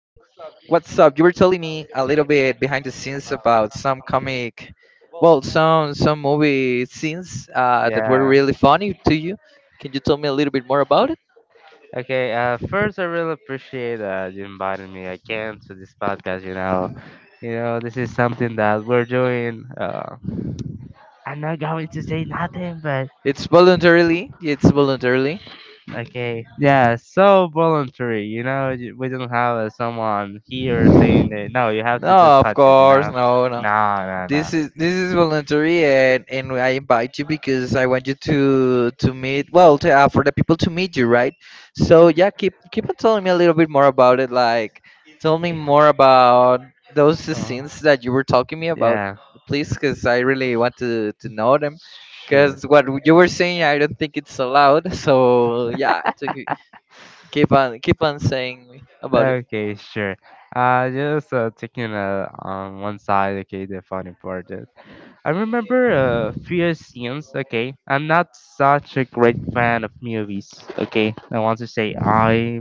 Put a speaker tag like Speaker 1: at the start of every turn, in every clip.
Speaker 1: what's up? You were telling me a little bit behind the scenes about some some movie scenes that were
Speaker 2: Yeah.
Speaker 1: really funny to you. Can you tell me a little bit more about it?
Speaker 2: Okay, first, I really appreciate you inviting me again to this podcast. You know, this is something that we're doing. I'm not going to say nothing, but
Speaker 1: It's voluntarily. It's voluntarily.
Speaker 2: okay, yeah, so voluntary. You know, we don't have someone here saying that. No, you have to do
Speaker 1: No, of
Speaker 2: podcast. You
Speaker 1: course,
Speaker 2: know,
Speaker 1: no, no.
Speaker 2: no, no,
Speaker 1: This is voluntary, and I invite you because I want you to meet well for the people to meet you, right? So yeah, keep on telling me a little bit more about it. Like, tell me more about those
Speaker 2: no.
Speaker 1: scenes that you were talking me about,
Speaker 2: Yeah.
Speaker 1: please, because I really want to know them.
Speaker 2: Sure.
Speaker 1: Because what you were saying, I don't think it's allowed. So yeah, to keep keep on keep on saying about it.
Speaker 2: Okay, sure. Just taking on one side, okay, the funny part. I remember few scenes, okay. I'm not such a great fan of movies, okay. I want to say I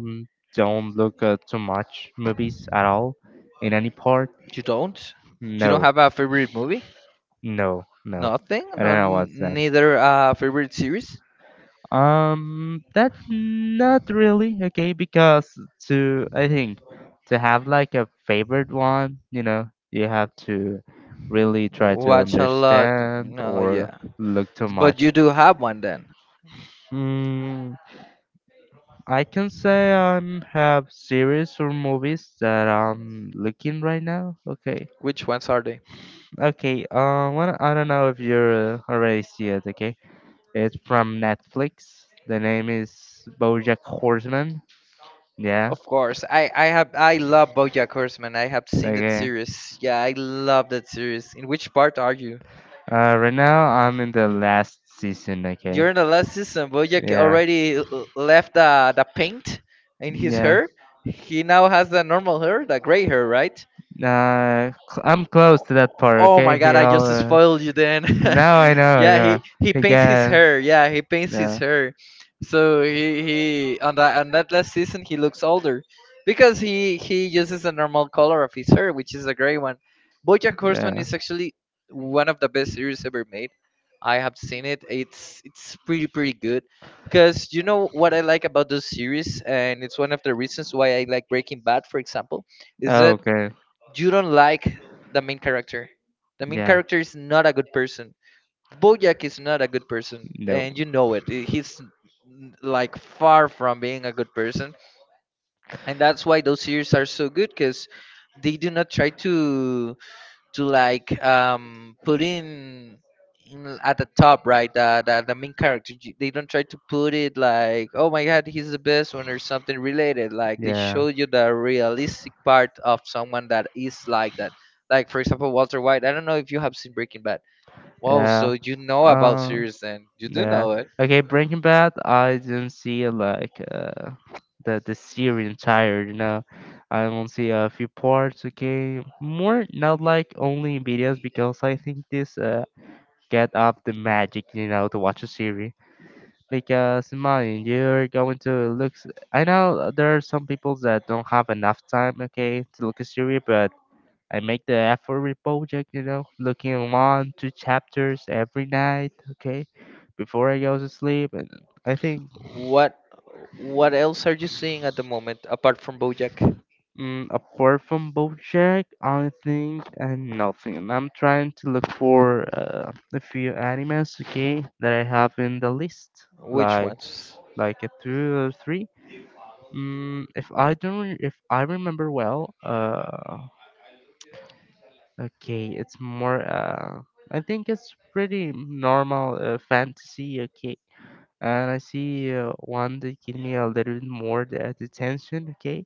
Speaker 2: don't look too much movies at all in any part.
Speaker 1: You don't you don't
Speaker 2: No,
Speaker 1: have a favorite movie?
Speaker 2: no.
Speaker 1: Nothing.
Speaker 2: I don't
Speaker 1: No,
Speaker 2: know what's that.
Speaker 1: neither favorite series.
Speaker 2: That's not really okay because to I think to have like a favorite one, you know, you have to really try to
Speaker 1: Watch a lot.
Speaker 2: understand
Speaker 1: No,
Speaker 2: or
Speaker 1: yeah.
Speaker 2: look too
Speaker 1: But
Speaker 2: much.
Speaker 1: you do have one then.
Speaker 2: Hmm, I can say I'm have series or movies that I'm looking right now. Okay,
Speaker 1: Which ones are they?
Speaker 2: okay. One I don't know if you're already see it. Okay, it's from Netflix. The name is BoJack Horseman. Yeah.
Speaker 1: Of course, I have I love BoJack Horseman. I have seen that
Speaker 2: Okay.
Speaker 1: series. Yeah, I love that series. In which part are you?
Speaker 2: Right now I'm in the last season. Okay.
Speaker 1: During the last season,
Speaker 2: Yeah.
Speaker 1: left the paint in his
Speaker 2: Yeah.
Speaker 1: hair. He now has the normal hair, the gray hair, right?
Speaker 2: I'm close to that part.
Speaker 1: Oh
Speaker 2: Okay.
Speaker 1: my
Speaker 2: He
Speaker 1: god, I
Speaker 2: all.
Speaker 1: just spoiled you then.
Speaker 2: Now I know. I
Speaker 1: Yeah, he
Speaker 2: know.
Speaker 1: he
Speaker 2: He
Speaker 1: paints his
Speaker 2: got.
Speaker 1: hair. Yeah, he paints his
Speaker 2: Yeah.
Speaker 1: hair. So he on that last season he looks older because he uses the normal color of his hair, which is a gray one. BoJack Horseman
Speaker 2: Yeah.
Speaker 1: is actually one of the best series ever made. I have seen it. It's pretty pretty good. Cause you know what I like about those series, and it's one of the reasons why I like Breaking Bad, for example, is
Speaker 2: Oh,
Speaker 1: that
Speaker 2: okay.
Speaker 1: you don't like the main character. The main
Speaker 2: Yeah.
Speaker 1: character is not a good person. Bojack is not a good person,
Speaker 2: No.
Speaker 1: and you know it. Like far from being a good person, and that's why those series are so good because they do not try to like put in at the top right the main character they don't try to put it like oh my god he's the best one or something related, like they
Speaker 2: Yeah.
Speaker 1: show you the realistic part of someone that is like that, like for example Walter White. I don't know if you have seen Breaking Bad. Well,
Speaker 2: Yeah.
Speaker 1: so you know about
Speaker 2: Um.
Speaker 1: series then, you do
Speaker 2: Yeah.
Speaker 1: know it.
Speaker 2: Okay, Breaking Bad. I didn't see like the series entire. You know, I only see a few parts. Okay, more not like only videos because I think this get up the magic. You know, to watch a series because imagine you're going to look. I know there are some people that don't have enough time. Okay, to look a series, but I make the effort with Bojack, you know, looking one, two chapters every night, okay, before I go to sleep. And I think,
Speaker 1: What else are you seeing at the moment apart from Bojack?
Speaker 2: apart from Bojack, I think and nothing. And I'm trying to look for a few animes, okay, that I have in the list,
Speaker 1: Which
Speaker 2: like
Speaker 1: ones?
Speaker 2: like a two or three. If I don't, if I remember well, okay, it's more. I think it's pretty normal fantasy, okay. And I see one that give me a little bit more the attention, okay?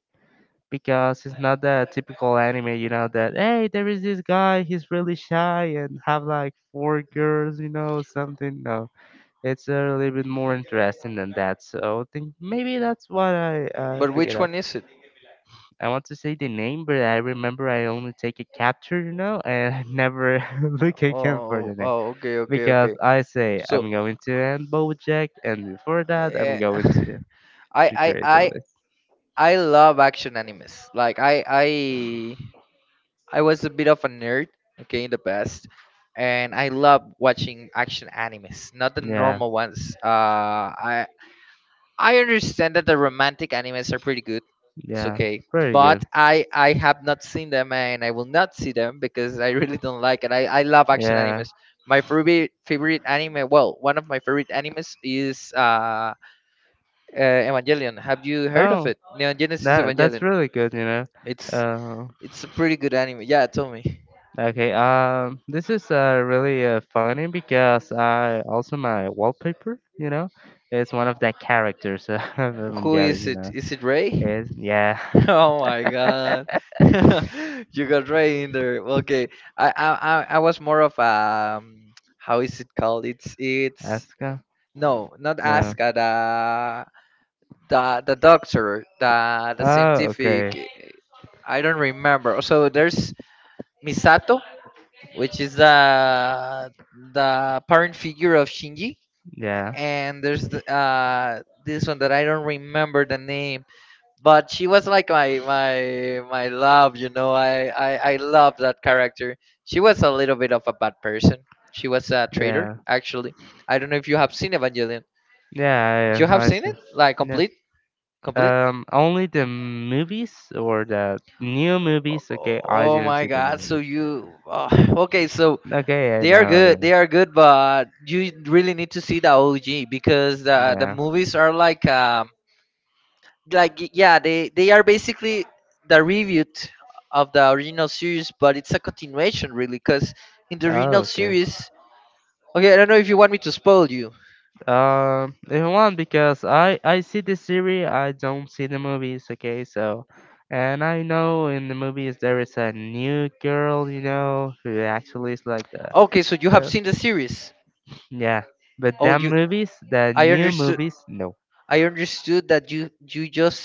Speaker 2: Because it's not the typical anime, you know, that hey, there is this guy, he's really shy and have like four girls, you know, something. No, it's a little bit more interesting than that. So I think maybe that's what I
Speaker 1: But
Speaker 2: pick it
Speaker 1: which
Speaker 2: up.
Speaker 1: one is it?
Speaker 2: I want to say the name, but I remember I only take a capture, you know, and I never look
Speaker 1: Oh,
Speaker 2: again for the
Speaker 1: oh,
Speaker 2: name
Speaker 1: oh, okay, okay,
Speaker 2: because
Speaker 1: okay.
Speaker 2: I say
Speaker 1: So,
Speaker 2: I'm going to end BoJack, and before that I'm
Speaker 1: eh,
Speaker 2: going to
Speaker 1: I,
Speaker 2: she
Speaker 1: I, I,
Speaker 2: creatively.
Speaker 1: I love action animes. Like I was a bit of a nerd, okay, in the past, and I love watching action animes, not the
Speaker 2: Yeah,
Speaker 1: normal ones. I, I understand that the romantic animes are pretty good. It's
Speaker 2: yeah,
Speaker 1: okay,
Speaker 2: very
Speaker 1: but
Speaker 2: good.
Speaker 1: I have not seen them and I will not see them because I really don't like it. I love action
Speaker 2: Yeah.
Speaker 1: animes. My favorite anime, well, one of my favorite animes is Evangelion. Have you heard of
Speaker 2: Oh,
Speaker 1: it? Neon Genesis
Speaker 2: that that's
Speaker 1: Evangelion.
Speaker 2: really good. You know.
Speaker 1: It's
Speaker 2: Uh,
Speaker 1: it's a pretty good anime. Yeah, tell me.
Speaker 2: okay. This is really funny because I also my wallpaper. You know, is one of the characters of
Speaker 1: Who
Speaker 2: Evangelion.
Speaker 1: is
Speaker 2: You
Speaker 1: it?
Speaker 2: know,
Speaker 1: Is it Ray?
Speaker 2: is yeah.
Speaker 1: Oh my god. You got right in there. Okay. I was more of how is it called? It's
Speaker 2: Asuka.
Speaker 1: No, not
Speaker 2: No.
Speaker 1: ask the the doctor, the
Speaker 2: Oh,
Speaker 1: scientific.
Speaker 2: okay.
Speaker 1: I don't remember. So there's Misato, which is the parent figure of Shinji,
Speaker 2: Yeah.
Speaker 1: and there's the, this one that I don't remember the name, but she was like my love, you know, I love that character. She was a little bit of a bad person. She was a traitor
Speaker 2: Yeah.
Speaker 1: actually. I don't know if you have seen Evangelion.
Speaker 2: Yeah,
Speaker 1: You have
Speaker 2: I
Speaker 1: seen
Speaker 2: see.
Speaker 1: it, like
Speaker 2: Yeah.
Speaker 1: complete? Complete.
Speaker 2: Only the movies or the new movies.
Speaker 1: Oh,
Speaker 2: Okay, I
Speaker 1: oh
Speaker 2: didn't
Speaker 1: my
Speaker 2: see the
Speaker 1: god
Speaker 2: new
Speaker 1: so
Speaker 2: movies.
Speaker 1: you okay, so
Speaker 2: Okay, I
Speaker 1: they are
Speaker 2: know, I
Speaker 1: good,
Speaker 2: know.
Speaker 1: they are good, but you really need to see the OG because the
Speaker 2: Yeah.
Speaker 1: movies are like yeah, they are basically the reboot of the original series, but it's a continuation really because in the
Speaker 2: Oh,
Speaker 1: original
Speaker 2: okay.
Speaker 1: series, okay, I don't know if you want me to spoil you.
Speaker 2: If you want, because I see the series, I don't see the movies. Okay, so, and I know in the movies there is a new girl, you know, who actually is like the
Speaker 1: Okay, so you have
Speaker 2: girl.
Speaker 1: seen the series.
Speaker 2: Yeah, but
Speaker 1: Oh,
Speaker 2: them
Speaker 1: you
Speaker 2: movies, the
Speaker 1: I
Speaker 2: new
Speaker 1: understood,
Speaker 2: movies, no,
Speaker 1: I understood that you just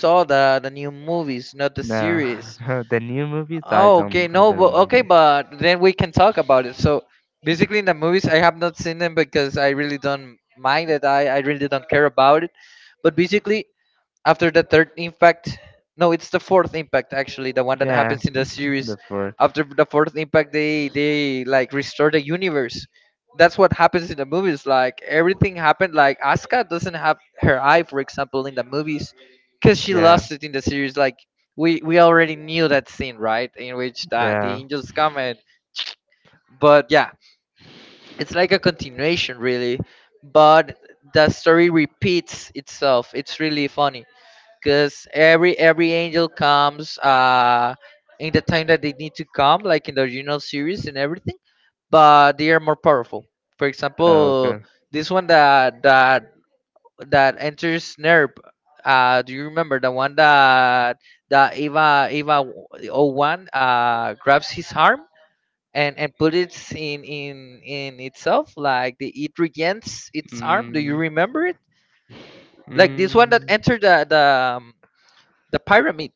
Speaker 1: saw the new movies, not the
Speaker 2: no,
Speaker 1: series.
Speaker 2: no, the new movies,
Speaker 1: Oh okay,
Speaker 2: I
Speaker 1: no, but
Speaker 2: don't know
Speaker 1: okay,
Speaker 2: that.
Speaker 1: but then we can talk about it. So basically in the movies I have not seen them because I really don't mind it, I really don't care about it. But basically after the third impact, no, it's the fourth impact actually, the one that
Speaker 2: Yeah,
Speaker 1: happens in the series.
Speaker 2: the first.
Speaker 1: After the fourth impact they like restore the universe. That's what happens in the movies, like everything happened, like Asuka doesn't have her eye, for example, in the movies because she
Speaker 2: Yeah,
Speaker 1: lost it in the series. Like we already knew that scene, right, in which that the
Speaker 2: yeah.
Speaker 1: angels come and but yeah, it's like a continuation really, but the story repeats itself. It's really funny because every angel comes in the time that they need to come, like in the original series and everything, but they are more powerful. For example,
Speaker 2: Okay.
Speaker 1: this one that that enters nerp do you remember the one that Eva oh one grabs his arm and put it in in itself, like it regains its arm? Do you
Speaker 2: Mm,
Speaker 1: remember it? Like this
Speaker 2: mm,
Speaker 1: one that entered the um, the pyramid,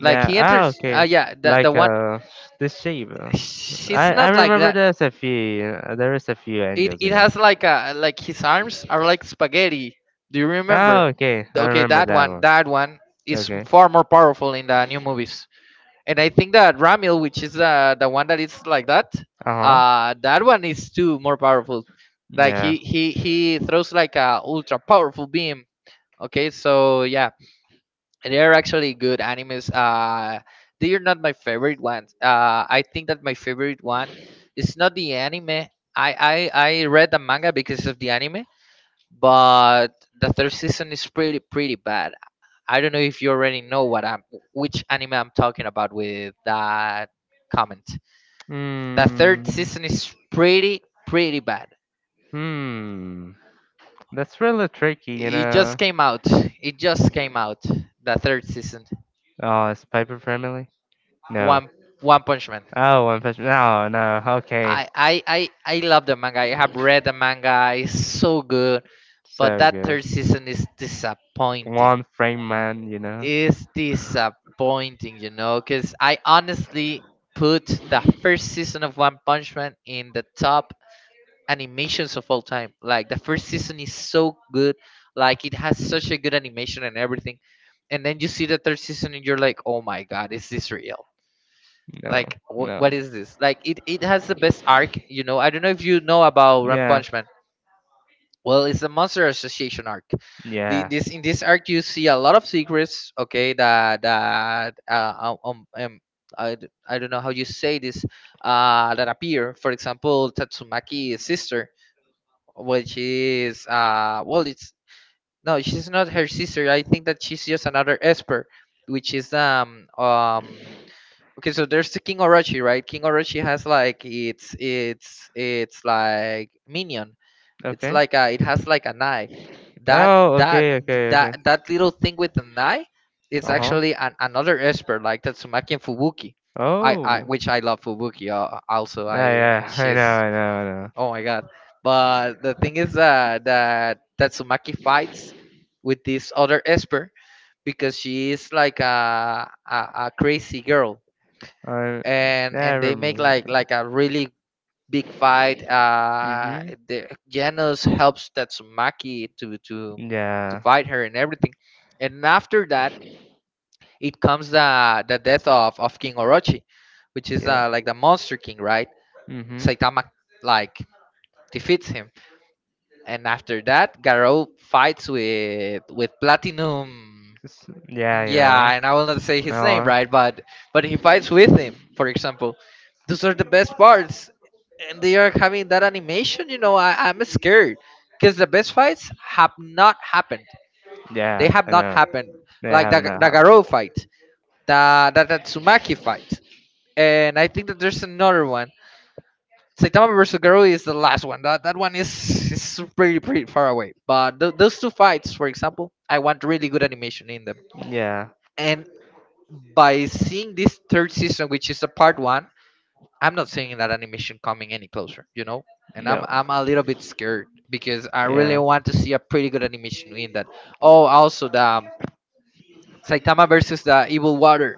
Speaker 1: like
Speaker 2: yeah.
Speaker 1: he
Speaker 2: Ah,
Speaker 1: enters
Speaker 2: okay.
Speaker 1: yeah, the
Speaker 2: Like
Speaker 1: one.
Speaker 2: the shape. uh,
Speaker 1: She's
Speaker 2: I I
Speaker 1: not like
Speaker 2: remember
Speaker 1: that.
Speaker 2: there's a few. There is a few
Speaker 1: it
Speaker 2: angels, you
Speaker 1: it
Speaker 2: know.
Speaker 1: has like a like his arms are like spaghetti. Do you remember?
Speaker 2: Oh, okay. I
Speaker 1: Okay,
Speaker 2: remember
Speaker 1: that
Speaker 2: that
Speaker 1: one,
Speaker 2: one.
Speaker 1: that one is
Speaker 2: Okay.
Speaker 1: far more powerful in the new movies. And I think that ramil which is the one that is like that,
Speaker 2: Uh huh.
Speaker 1: that one is too more powerful. Like
Speaker 2: Yeah.
Speaker 1: he he throws like a ultra powerful beam. Okay, so yeah, they're actually good animes. They are not my favorite ones. I think that my favorite one is not the anime. I read the manga because of the anime, but the third season is pretty pretty bad. I don't know if you already know what I'm which anime I'm talking about with that comment. The third
Speaker 2: Hmm.
Speaker 1: season is pretty pretty bad.
Speaker 2: Hmm. That's really tricky, you
Speaker 1: It
Speaker 2: know.
Speaker 1: just came out. It just came out. The third season.
Speaker 2: Oh, is Piper friendly? No.
Speaker 1: One One Punch Man.
Speaker 2: Oh, one fish. No, no. Okay.
Speaker 1: I love the manga. I have read the manga. It's so good, but
Speaker 2: So
Speaker 1: that
Speaker 2: good.
Speaker 1: third season is disappointing.
Speaker 2: One frame man, you know?
Speaker 1: It's disappointing, you know, because I honestly put the first season of One Punch Man in the top animations of all time. Like the first season is so good. Like it has such a good animation and everything. And then you see the third season and you're like, oh my god, is this real?
Speaker 2: No,
Speaker 1: Like what
Speaker 2: no.
Speaker 1: is this? Like it has the best arc, you know. I don't know if you know about One
Speaker 2: Yeah,
Speaker 1: Punch Man. Well, it's the Monster Association arc. The,
Speaker 2: yeah.
Speaker 1: this In this arc you see a lot of secrets, okay, that I don't know how you say this, that appear. For example, Tatsumaki's sister, which is well it's no, she's not her sister. I think that she's just another Esper, which is okay, so there's the King Orochi, right? King Orochi has like it's it's like minion. It's
Speaker 2: Okay.
Speaker 1: like a it has like an eye. That
Speaker 2: Oh,
Speaker 1: that
Speaker 2: okay, okay, okay.
Speaker 1: that little thing with an eye is
Speaker 2: Uh huh.
Speaker 1: actually another expert like Tatsumaki and Fubuki. I
Speaker 2: Oh.
Speaker 1: Which I love Fubuki. Also,
Speaker 2: Yeah,
Speaker 1: I
Speaker 2: yeah. I know,
Speaker 1: she's
Speaker 2: I know,
Speaker 1: oh my god. But the thing is that Tatsumaki fights with this other expert because she is like a crazy girl,
Speaker 2: I know.
Speaker 1: and
Speaker 2: Yeah, I
Speaker 1: they make
Speaker 2: remember.
Speaker 1: like a really big fight.
Speaker 2: Mm-hmm.
Speaker 1: The Genos helps Tatsumaki to to
Speaker 2: Yeah.
Speaker 1: fight her and everything, and after that it comes the death of King Orochi, which is
Speaker 2: Yeah.
Speaker 1: like the Monster King, right?
Speaker 2: Mm-hmm.
Speaker 1: Saitama like defeats him, and after that Garou fights with Platinum.
Speaker 2: It's- Yeah, I
Speaker 1: Yeah,
Speaker 2: know.
Speaker 1: and I will not say his name,
Speaker 2: Oh,
Speaker 1: right? But he fights with him, for example. Those are the best parts. And they are having that animation, you know, I'm scared because the best fights have not happened.
Speaker 2: yeah,
Speaker 1: They have
Speaker 2: I
Speaker 1: not
Speaker 2: know.
Speaker 1: happened.
Speaker 2: They
Speaker 1: Like
Speaker 2: have not
Speaker 1: the
Speaker 2: happened.
Speaker 1: Garou fight, the Tsumaki fight. And I think that there's another one. Saitama versus Garou is the last one. That one is pretty, pretty far away. But those two fights, for example, I want really good animation in them.
Speaker 2: Yeah.
Speaker 1: And by seeing this third season, which is a part one, I'm not seeing that animation coming any closer, you know? And I'm
Speaker 2: No.
Speaker 1: I'm a little bit scared because I really
Speaker 2: Yeah.
Speaker 1: want to see a pretty good animation in that. Oh, also the Saitama versus the Evil Water.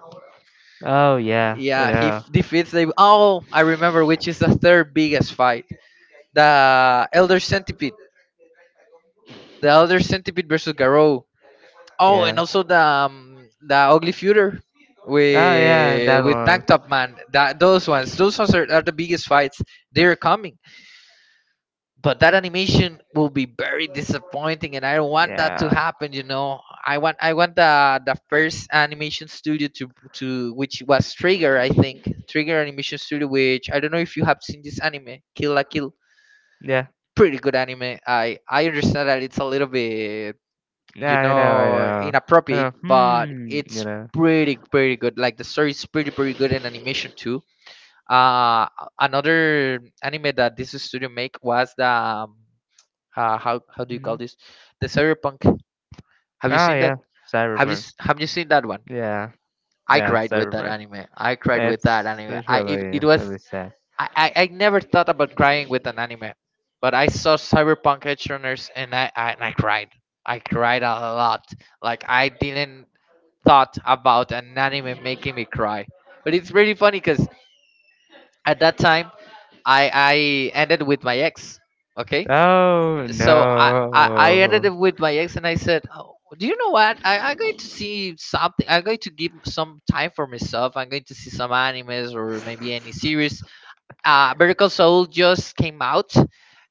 Speaker 2: Oh, yeah, I
Speaker 1: Yeah,
Speaker 2: know.
Speaker 1: defeats the— oh, I remember which is the third biggest fight. The Elder Centipede. The Elder Centipede versus Garou. Oh, and
Speaker 2: Yeah.
Speaker 1: also the Ugly Feuder
Speaker 2: Oh yeah,
Speaker 1: with
Speaker 2: that one.
Speaker 1: Tank Top Man. That those ones are the biggest fights. They're coming, but that animation will be very disappointing and I don't want that to
Speaker 2: Yeah.
Speaker 1: happen, you know. I want, I want the first animation studio to which was Trigger, I think Trigger animation studio, which I don't know if you have seen this anime, Kill la Kill.
Speaker 2: Yeah.
Speaker 1: Pretty good anime. I understand that it's a little bit,
Speaker 2: Yeah,
Speaker 1: you
Speaker 2: I know, I
Speaker 1: know,
Speaker 2: know. I
Speaker 1: inappropriate,
Speaker 2: know.
Speaker 1: but
Speaker 2: Hmm. You
Speaker 1: it's
Speaker 2: know.
Speaker 1: pretty good. Like the story is pretty good in animation too. uh Another anime that this studio make was the how do you call
Speaker 2: Hmm.
Speaker 1: this? The Cyberpunk. Have you
Speaker 2: Oh
Speaker 1: seen that?
Speaker 2: yeah. Cyberpunk.
Speaker 1: Have you seen that one?
Speaker 2: Yeah.
Speaker 1: I
Speaker 2: Yeah.
Speaker 1: cried with that
Speaker 2: Cyberpunk.
Speaker 1: anime. I cried with
Speaker 2: It's
Speaker 1: that anime.
Speaker 2: it's
Speaker 1: I It,
Speaker 2: really
Speaker 1: it was—
Speaker 2: really sad.
Speaker 1: I, I never thought about crying with an anime, but I saw Cyberpunk Edge Runners and I and I cried. I cried a lot. Like I didn't thought about an anime making me cry. But it's really funny because at that time I ended with my ex. Okay,
Speaker 2: Oh
Speaker 1: so I ended
Speaker 2: no.
Speaker 1: up with my ex and I said, oh, do you know what, I'm going to see something. I'm going to give some time for myself. I'm going to see some animes or maybe any series. Miracle Soul just came out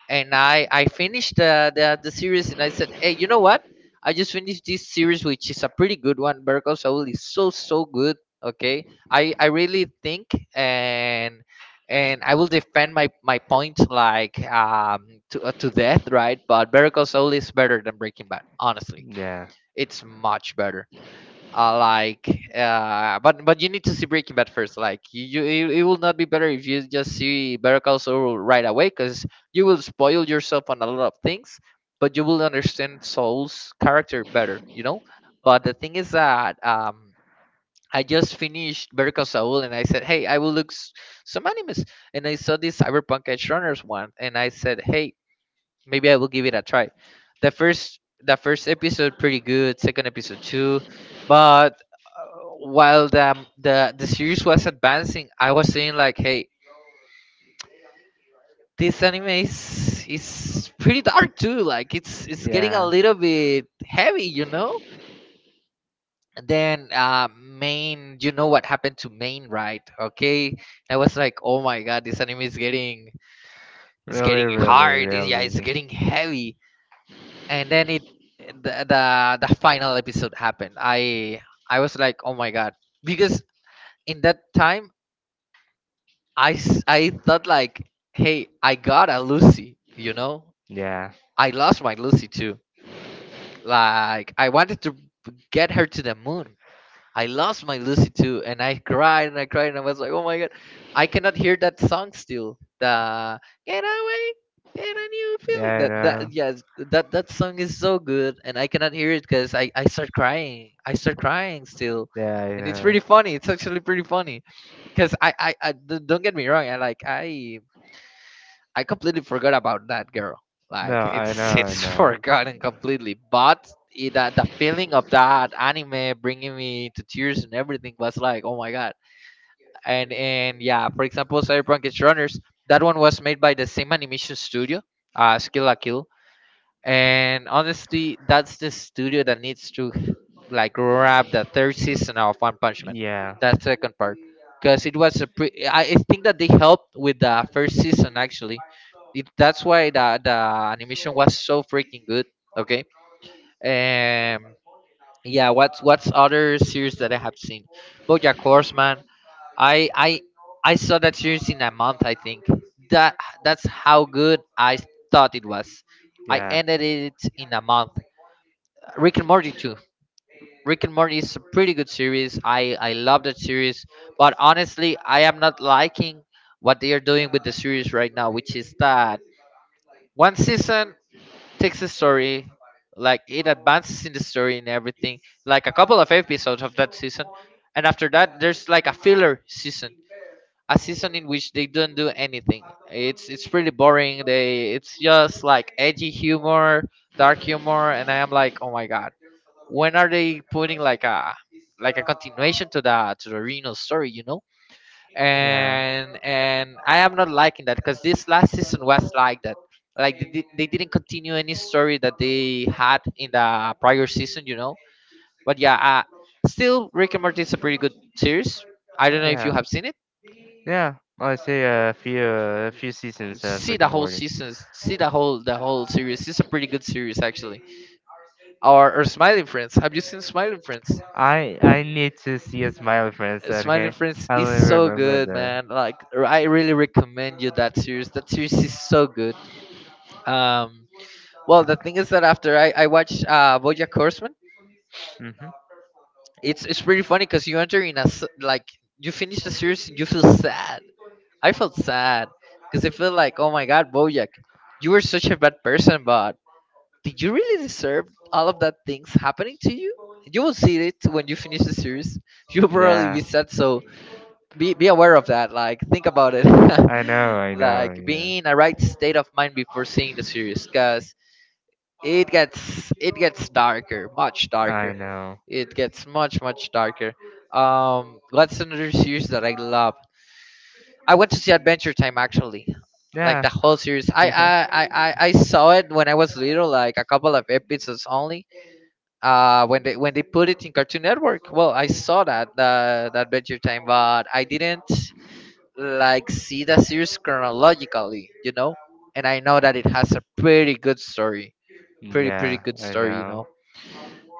Speaker 1: and I finished the series and I said, hey, you know what? I just finished this series, which is a pretty good one. Bergo Saul is so good. Okay, I really think, and I will defend my point, like, to death, right? But Bergo Saul is better than Breaking Bad. Honestly,
Speaker 2: Yeah.
Speaker 1: it's much better. uh, like but you need to see Breaking Bad first. Like you, it will not be better if you just see Better Call Saul right away, because you will spoil yourself on a lot of things, but you will understand Saul's character better, you know. But the thing is that, I just finished Better Call Saul and I said, "Hey, I will look s- some animes." And I saw this Cyberpunk Edge Runners one, and I said, "Hey, maybe I will give it a try." The first, episode, pretty good. Second episode too. But while the series was advancing, I was saying like, hey, this anime is pretty dark too. Like it's getting a
Speaker 2: Yeah,
Speaker 1: little bit heavy, you know. And then main, you know what happened to main, right? Okay, I was like, oh my god, this anime is getting— it's
Speaker 2: really,
Speaker 1: getting
Speaker 2: really,
Speaker 1: hard. Yeah, it's
Speaker 2: really.
Speaker 1: getting heavy. And then it— the, the final episode happened. I was like, oh my god, because in that time I thought like, hey, I got a Lucy, you know.
Speaker 2: Yeah,
Speaker 1: I lost my Lucy too. Like I wanted to get her to the moon. I lost my Lucy too, and I cried and I cried and I was like, oh my god, I cannot hear that song still. The "Get Away", "Get a New
Speaker 2: yeah,
Speaker 1: Feeling".
Speaker 2: I
Speaker 1: That,
Speaker 2: know.
Speaker 1: yes, that song is so good, and I cannot hear it because I start crying. I start crying still,
Speaker 2: Yeah, I
Speaker 1: and it's
Speaker 2: know.
Speaker 1: pretty funny. It's actually pretty funny because I don't get me wrong. I like I completely forgot about that girl.
Speaker 2: No,
Speaker 1: Like
Speaker 2: I
Speaker 1: it's
Speaker 2: know, I
Speaker 1: it's
Speaker 2: know.
Speaker 1: forgotten completely. But it, the feeling of that anime bringing me to tears and everything was like, oh my god. And yeah, for example, Cyberpunk Edge Runners. That one was made by the same animation studio, Skill La Kill, and honestly that's the studio that needs to like grab the third season of One Punch Man,
Speaker 2: Yeah,
Speaker 1: that second part, because it was a I think that they helped with the first season actually. That's why the animation was so freaking good. Okay. um yeah, what's other series that I have seen? BoJack Horseman. I I I saw that series in a month. I think that that's how good I thought it was. I
Speaker 2: yeah,
Speaker 1: ended it in a month. Rick and Morty too. Rick and Morty is a pretty good series. I love that series, but honestly, I am not liking what they are doing with the series right now, which is that one season takes the story, like it advances in the story and everything, like a couple of episodes of that season, and after that, there's like a filler season, a season in which they don't do anything. It's pretty boring. They It's just like edgy humor, dark humor, and I am like, oh my god, when are they putting like a— like a continuation to the Reno story, you know?
Speaker 2: yeah,
Speaker 1: And I am not liking that because this last season was like that. Like they, they didn't continue any story that they had in the prior season, you know. But yeah, still Rick and Morty is a pretty good series. I don't know if you
Speaker 2: yeah.
Speaker 1: have seen it.
Speaker 2: Yeah, I say a few seasons of
Speaker 1: See
Speaker 2: Rick
Speaker 1: the
Speaker 2: and
Speaker 1: whole
Speaker 2: Morty.
Speaker 1: seasons, see the whole series. It's a pretty good series actually. Or Smiling Friends. Have you seen Smiling Friends?
Speaker 2: I need to see a smile, friends.
Speaker 1: Smiling
Speaker 2: Okay,
Speaker 1: Friends
Speaker 2: I
Speaker 1: is
Speaker 2: only
Speaker 1: so
Speaker 2: remember
Speaker 1: good,
Speaker 2: the.
Speaker 1: man. Like I really recommend you that series. That series is so good. Um, well, the thing is that after I watched BoJack Horseman,
Speaker 2: Hmm.
Speaker 1: it's pretty funny because you enter in a like— you finish the series, and you feel sad. I felt sad because I feel like, oh my god, BoJack, you were such a bad person, but did you really deserve all of that things happening to you? You will see it when you finish the series. You'll probably
Speaker 2: Yeah,
Speaker 1: be sad, so be aware of that. Like think about it,
Speaker 2: I know,
Speaker 1: like being in a right state of mind before seeing the series, cause it gets— it gets darker, much
Speaker 2: I
Speaker 1: darker.
Speaker 2: know.
Speaker 1: It gets much darker. What's another series that I love? I went to see Adventure Time actually, like
Speaker 2: Yeah,
Speaker 1: the whole series. I saw it when I was little, like a couple of episodes only when they put it in Cartoon Network. Well, I saw that Adventure Time, but I didn't like see the series chronologically, you know, and I know that it has a pretty good story. Pretty
Speaker 2: yeah,
Speaker 1: good
Speaker 2: I
Speaker 1: story, you know.
Speaker 2: know.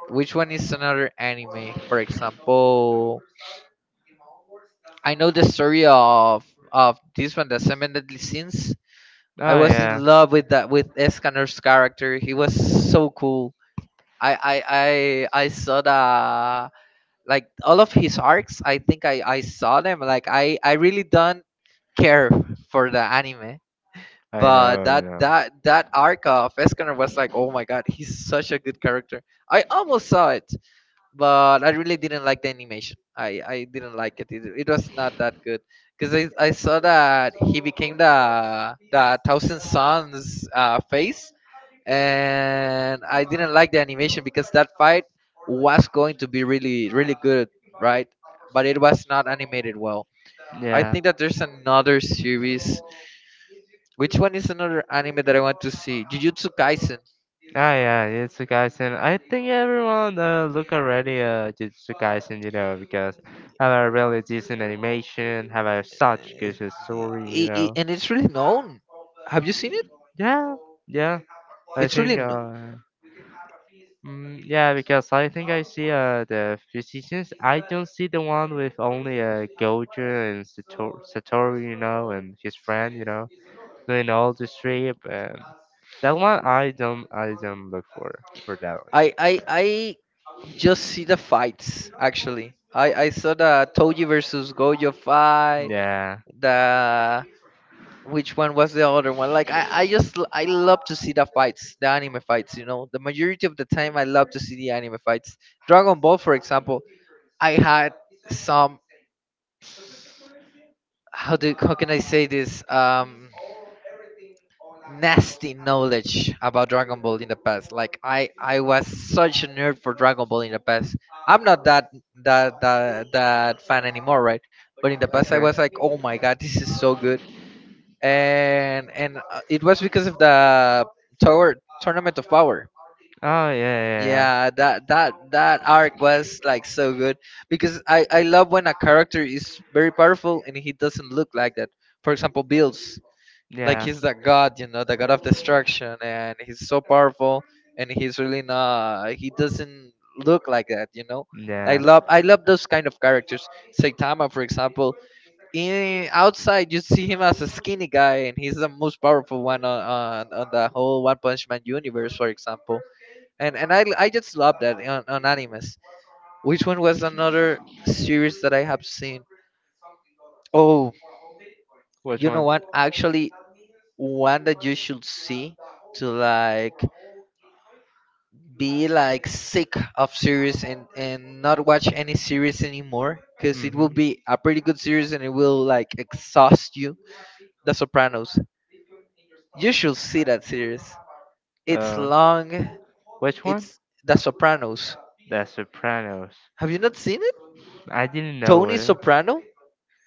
Speaker 1: Which one is another anime, for example? I know the story of this one, the Seven Deadly Sins.
Speaker 2: Oh
Speaker 1: I was in
Speaker 2: yeah,
Speaker 1: love with that, with Escanor's character. He was so cool. I saw the, like, all of his arcs, I think. I saw them, like. I really don't care for the anime,
Speaker 2: I know,
Speaker 1: but
Speaker 2: I
Speaker 1: that
Speaker 2: know.
Speaker 1: arc of Escanor was like, oh my god, he's such a good character. I almost saw it, but I really didn't like the animation. I didn't like it. It was not that good, because I saw that he became the thousand suns face, and I didn't like the animation because that fight was going to be really good, right? But it was not animated well. I
Speaker 2: Yeah,
Speaker 1: think that there's another series. Which one is another anime that I want to see? Jujutsu Kaisen.
Speaker 2: Ah, yeah, Jujutsu Kaisen. I think everyone look already at Jujutsu Kaisen, you know, because have a really decent animation, have a such good story, you know.
Speaker 1: And it's really known. Have you seen it?
Speaker 2: Yeah, yeah. I
Speaker 1: It's really
Speaker 2: think,
Speaker 1: no.
Speaker 2: uh, yeah, because I think I see the physicians. I don't see the one with only Gojo and Satoru, you know, and his friend, you know, doing all the trip. And that one, I don't look for that one.
Speaker 1: I just see the fights actually. I saw the Toji versus Gojo fight.
Speaker 2: Yeah.
Speaker 1: The— which one was the other one? Like I just I love to see the fights, the anime fights. You know, the majority of the time I love to see the anime fights. Dragon Ball, for example, I had some— how do how can I say this? Nasty knowledge about Dragon Ball in the past. Like I was such a nerd for Dragon Ball in the past. I'm not that fan anymore, right? But in the past, I
Speaker 2: Okay.
Speaker 1: was like, oh my god, this is so good. And it was because of the tower— tournament of power.
Speaker 2: Oh yeah, yeah,
Speaker 1: Yeah, that arc was like so good because I love when a character is very powerful and he doesn't look like that. For example, Bills, like
Speaker 2: yeah.
Speaker 1: he's the god, you know, the god of
Speaker 2: Yeah.
Speaker 1: destruction, and he's so powerful, and he's really not, he doesn't look like that, you know. I
Speaker 2: Yeah.
Speaker 1: love, I love those kind of characters. Saitama, for example, in outside you see him as a skinny guy, and he's the most powerful one on on the whole One Punch Man universe, for example. And I just love that on animes. Which one was another series that I have seen? Oh,
Speaker 2: Which
Speaker 1: you know
Speaker 2: one?
Speaker 1: what, actually, one that you should see to like be like sick of series and not watch any series anymore, because it will
Speaker 2: Mm-hmm.
Speaker 1: be a pretty good series and it will like exhaust you. The Sopranos. You should see that series. It's
Speaker 2: Uh,
Speaker 1: long.
Speaker 2: which one?
Speaker 1: It's The Sopranos.
Speaker 2: The Sopranos.
Speaker 1: Have you not seen it?
Speaker 2: I didn't know
Speaker 1: Tony
Speaker 2: it.
Speaker 1: Soprano.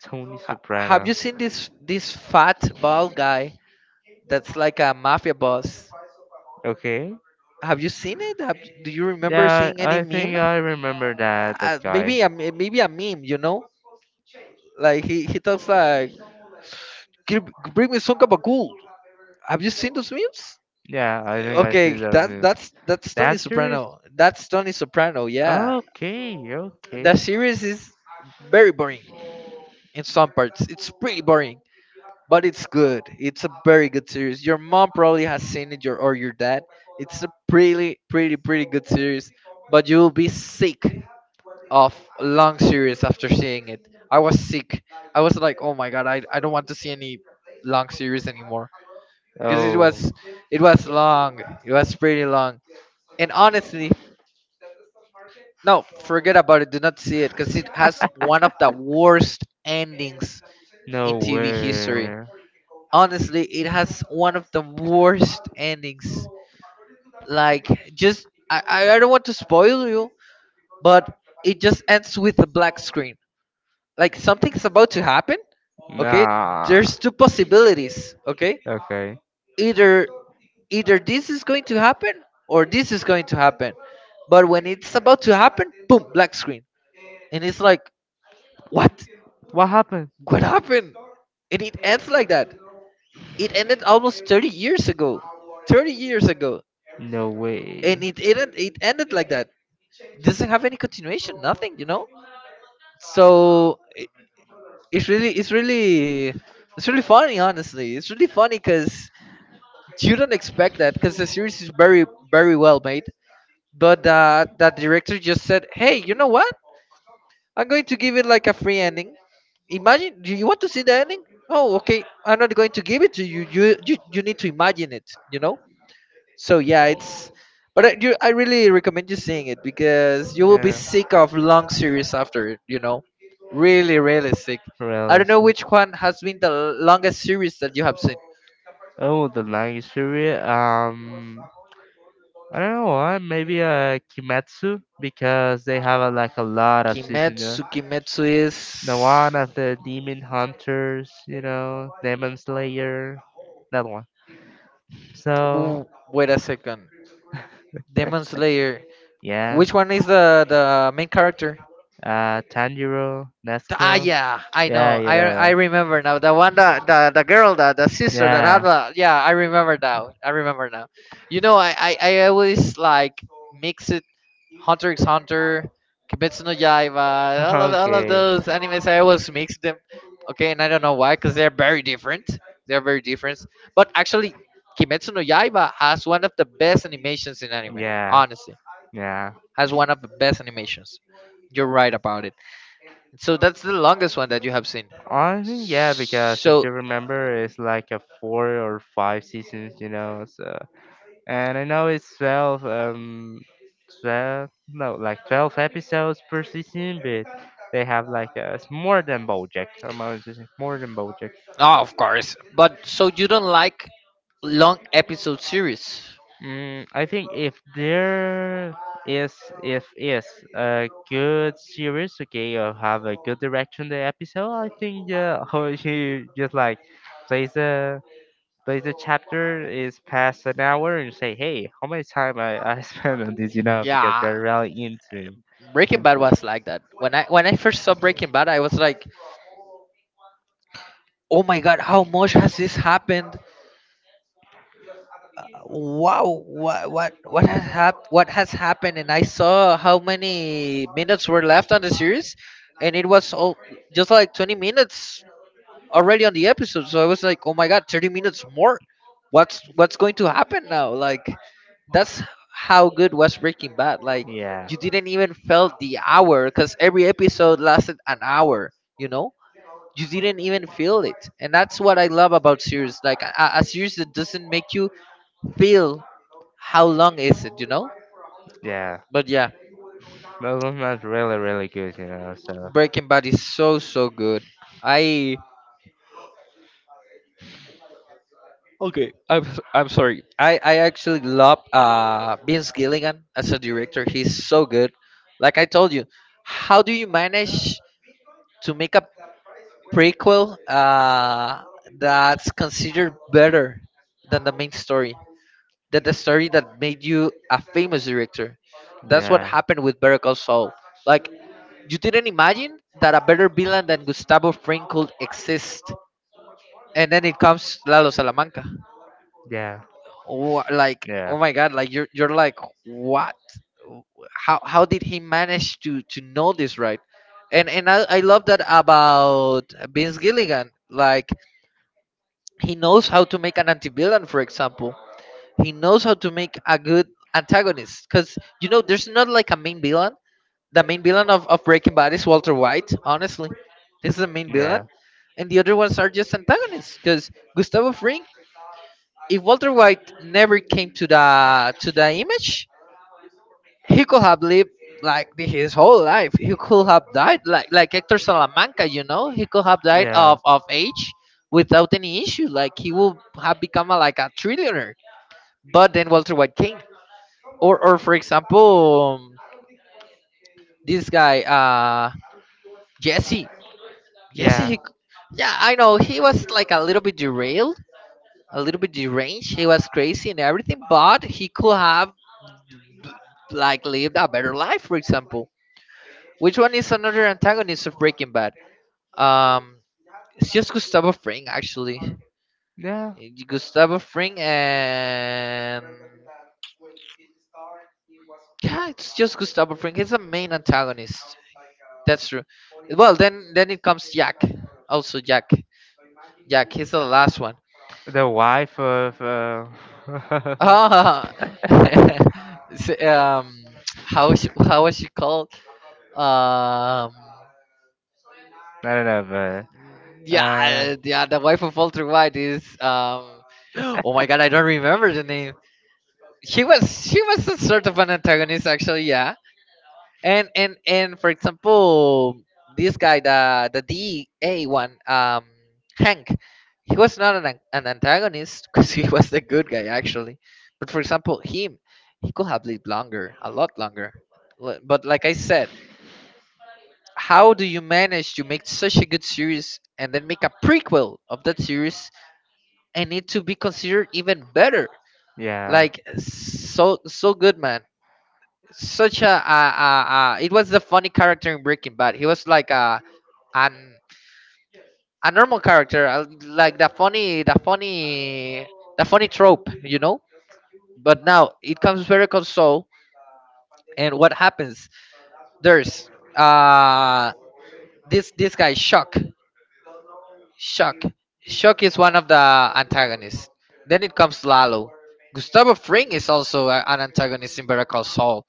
Speaker 2: Tony
Speaker 1: Have
Speaker 2: Soprano.
Speaker 1: you seen this fat bald guy that's like a mafia boss?
Speaker 2: Okay.
Speaker 1: Have you seen it? Do you remember
Speaker 2: Yeah,
Speaker 1: seeing any
Speaker 2: I
Speaker 1: meme?
Speaker 2: think I remember that that guy.
Speaker 1: Maybe a maybe a meme, you know? Like he talks like, "Give- bring me some gabagool." Have you seen those memes?
Speaker 2: Yeah, I think I see
Speaker 1: Okay,
Speaker 2: those
Speaker 1: that
Speaker 2: movies.
Speaker 1: that's that's Tony
Speaker 2: That serious?
Speaker 1: Soprano. That's Tony Soprano. Yeah,
Speaker 2: Okay, okay.
Speaker 1: that series is very boring in some parts. It's pretty boring, but it's good. It's a very good series. Your mom probably has seen it, your or your dad. It's a pretty good series, but you will be sick of long series after seeing it. I was sick. I was like, oh my god, I don't want to see any long series anymore, because it
Speaker 2: Oh,
Speaker 1: was, it was long. It was pretty long. And honestly, no, forget about it. Do not see it, because it has one of the worst endings in
Speaker 2: no
Speaker 1: TV history.
Speaker 2: way.
Speaker 1: Honestly, it has one of the worst endings. Like, just I don't want to spoil you, but it just ends with a black screen, like something's about to happen. Okay, there's
Speaker 2: Nah.
Speaker 1: two possibilities. Okay,
Speaker 2: Okay.
Speaker 1: either, either this is going to happen or this is going to happen, but when it's about to happen, boom, black screen. And it's like, what?
Speaker 2: What happened?
Speaker 1: What happened? And it ends like that. It ended almost 30 years ago. 30 years ago.
Speaker 2: No
Speaker 1: And
Speaker 2: way.
Speaker 1: it ended, it ended like that. Doesn't have any continuation, nothing, you know. So it, it's really it's really it's really funny, honestly, it's really funny, because you don't expect that, because the series is very, very well made. But that director just said, hey, you know what, I'm going to give it like a free ending. Imagine, do you want to see the ending? Oh okay, I'm not going to give it to you, you need to imagine it, you know. So yeah, it's, but I, you, I really recommend you seeing it, because you will be
Speaker 2: Yeah,
Speaker 1: sick of long series after it, you know. Really, really sick. I
Speaker 2: really.
Speaker 1: don't know which one has been the longest series that you have seen.
Speaker 2: Oh, the language series. I don't know why. Maybe Kimetsu because they have a, like a lot of seasons. Yeah?
Speaker 1: Kimetsu, Kimetsu is
Speaker 2: The one of the demon hunters, you know, demon slayer, that one.
Speaker 1: W-
Speaker 2: So
Speaker 1: wait a second. Demon Slayer.
Speaker 2: yeah.
Speaker 1: Which one is the main character?
Speaker 2: Tanjiro,
Speaker 1: Ah,
Speaker 2: Nesco.
Speaker 1: yeah, I know.
Speaker 2: Yeah, you
Speaker 1: I
Speaker 2: know.
Speaker 1: remember now. The one that the girl that the sister that had
Speaker 2: Yeah.
Speaker 1: the, yeah. I remember now. I remember now. You know, I always like mix it. Hunter x Hunter, Kimetsu no Yaiba, all of
Speaker 2: Okay.
Speaker 1: those animes. I always mix them. Okay, and I don't know why, because they're very different. They're very different. But actually, Kimetsu no Yaiba has one of the best animations in anime.
Speaker 2: Yeah.
Speaker 1: Honestly,
Speaker 2: Yeah.
Speaker 1: has one of the best animations. You're right about it. So that's the longest one that you have seen.
Speaker 2: Honestly, yeah, because if
Speaker 1: So,
Speaker 2: you remember, it's like a four or five seasons, you know. So, and I know it's 12, twelve, no, like 12 episodes per season, but they have like it's more than BoJack. I'm honest, it's more than BoJack.
Speaker 1: oh, of course. But so you don't like long episode series?
Speaker 2: I think if there is if is a good series, okay, or have a good direction the episode, I think yeah, how you just like plays a plays a chapter is past an hour and say, hey, how much time I spent on this, you know, because
Speaker 1: Yeah,
Speaker 2: you're really
Speaker 1: Breaking Bad
Speaker 2: into
Speaker 1: was like that. When I first saw Breaking Bad, I was like, "Oh my God, how much has this happened? Wow, what has what has happened?" And I saw how many minutes were left on the series, and it was all just like 20 minutes already on the episode. So I was like, "Oh my God, 30 minutes more? What's going to happen now?" Like that's how good was Breaking Bad. Like
Speaker 2: yeah
Speaker 1: you didn't even felt the hour, because every episode lasted an hour. You know, you didn't even feel it, and that's what I love about series, like a series that doesn't make you feel how long is it, you know.
Speaker 2: yeah.
Speaker 1: But yeah,
Speaker 2: That was not really really good, you know. So
Speaker 1: Breaking Bad is so, so good. I, okay, I'm sorry, I actually love Vince Gilligan as a director, he's so good. Like I told you, how do you manage to make a prequel that's considered better than the main story, that the story that made you a famous director. That's what
Speaker 2: yeah.
Speaker 1: happened with Better Call Saul. Like you didn't imagine that a better villain than Gustavo Fring could exist, and then it comes Lalo Salamanca.
Speaker 2: Yeah.
Speaker 1: Like
Speaker 2: Yeah.
Speaker 1: oh my god, like you're like what? How did he manage to know this, right? And I love that about Vince Gilligan. Like he knows how to make an anti villain, for example. He knows how to make a good antagonist, because you know there's not like a main villain. The main villain of Breaking Bad is Walter White. Honestly, this is the main villain,
Speaker 2: Yeah.
Speaker 1: and the other ones are just antagonists. Because Gustavo Fring, if Walter White never came to the image, he could have lived like his whole life. He could have died like Hector Salamanca. You know, he could have died of
Speaker 2: Yeah.
Speaker 1: of age without any issue. Like he would have become a, like a trillionaire. But then Walter White came. Or for example this guy Jesse.
Speaker 2: Yeah.
Speaker 1: He, yeah, I know he was like a little bit derailed, a little bit deranged, he was crazy and everything, but he could have like lived a better life, for example. Which one is another antagonist of Breaking Bad? um it's just Gustavo Fring, actually.
Speaker 2: Yeah.
Speaker 1: Eh, Gustavo Fring, and yeah, it's just Gustavo Fring. He's the main antagonist. That's true. Well, then it comes Jack. Also Jack. Jack. He's the last one.
Speaker 2: The wife of.
Speaker 1: Oh,
Speaker 2: I
Speaker 1: so, how she, how was she called? Um,
Speaker 2: don't know, but. Yeah.
Speaker 1: yeah, yeah. The wife of Walter White is. Oh my God, I don't remember the name. He was she was a sort of an antagonist, actually, yeah. And for example, this guy the da one, Hank, he was not an, an antagonist, because he was the good guy actually. But for example him, he could have lived longer, a lot longer. But like I said, how do you manage to make such a good series and then make a prequel of that series, and it to be considered even better?
Speaker 2: Yeah.
Speaker 1: Like so, so good, man. Such a, a, it was the funny character in Breaking Bad. He was like a, an, a normal character, like the funny, the funny, the funny trope, you know. But now it comes very console, and what happens? There's uh this, this guy Shock, Shock, Shock is one of the antagonists. Then it comes Lalo. Gustavo Fring is also an antagonist in Better Call Saul.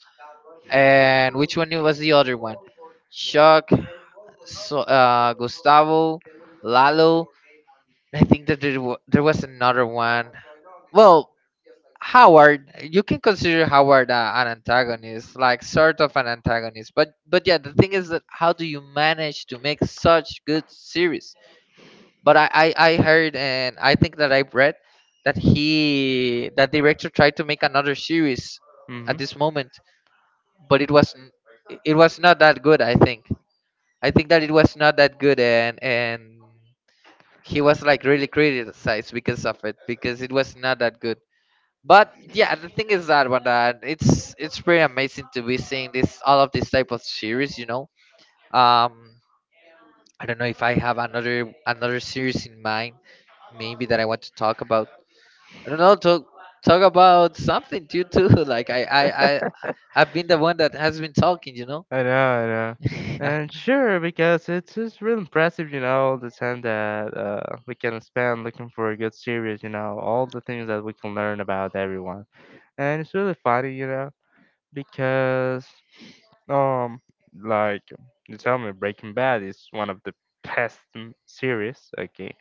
Speaker 1: And which one was the other one? Shock. So Gustavo, Lalo. I think that there, there was another one. Well, Howard, you can consider Howard an antagonist, like sort of an antagonist. But yeah, the thing is that how do you manage to make such good series? But I heard and I think that I read that he, that director tried to make another series
Speaker 2: Mm-hmm.
Speaker 1: at this moment, but it was it was not that good. I think, I think that it was not that good, and he was like really criticized because of it, because it was not that good. But yeah, the thing is that one that it's pretty amazing to be seeing this, all of this type of series, you know. um I don't know if I have another, another series in mind, maybe, that I want to talk about. I don't know, talk, talk about something too, like I I've been the one that has been talking, you know.
Speaker 2: I know, I know. And sure, because it's just real impressive, you know, the time that we can spend looking for a good series, you know, all the things that we can learn about everyone. And it's really funny, you know, because um, like you tell me, Breaking Bad is one of the best series, okay.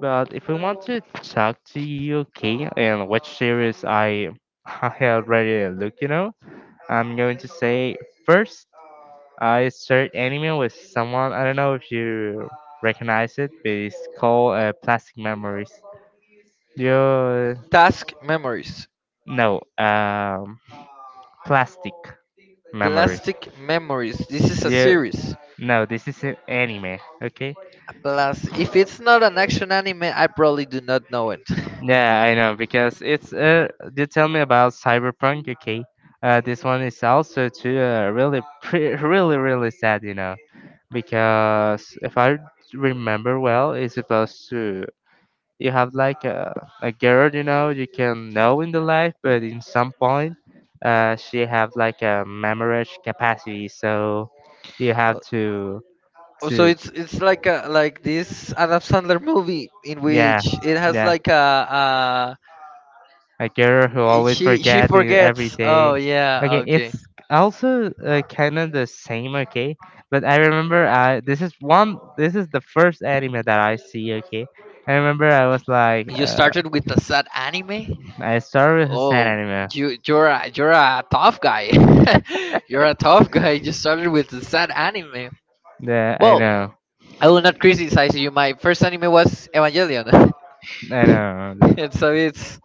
Speaker 2: But if I want to talk to you, okay, and which series I I already look, you know, I'm going to say first I start anime with someone I don't know if you recognize it, but it's called Plastic Memories. Yeah.
Speaker 1: Task memories.
Speaker 2: No, um, plastic memories.
Speaker 1: Plastic Memories. This is a
Speaker 2: Yeah,
Speaker 1: series.
Speaker 2: no, this is an anime. Okay.
Speaker 1: Plus, if it's not an action anime, I probably do not know it.
Speaker 2: Yeah, I know because it's. You tell me about Cyberpunk. Okay. This one is also too really really really sad. You know because if I remember well, it's supposed to. You have like a girl you know you can know in the life but in some point she have like a memory capacity so you have
Speaker 1: Oh, so
Speaker 2: to
Speaker 1: it's like a, like this Adam Sandler movie in
Speaker 2: yeah
Speaker 1: which it has
Speaker 2: yeah
Speaker 1: like a,
Speaker 2: a girl who
Speaker 1: it-
Speaker 2: always
Speaker 1: she,
Speaker 2: forget every
Speaker 1: forgets.
Speaker 2: day
Speaker 1: Oh
Speaker 2: okay
Speaker 1: yeah, okay.
Speaker 2: it's also kind of the same okay but I remember I this is one this is the first anime that I see okay I remember I was like
Speaker 1: You started with a sad anime.
Speaker 2: I started with hasan
Speaker 1: Oh,
Speaker 2: anime
Speaker 1: you you're a tough guy. You're a tough guy. You started with a sad anime.
Speaker 2: yeah I
Speaker 1: Well,
Speaker 2: know
Speaker 1: I will not criticize you. My first anime was Evangelion.
Speaker 2: I know. No, no.
Speaker 1: And so it's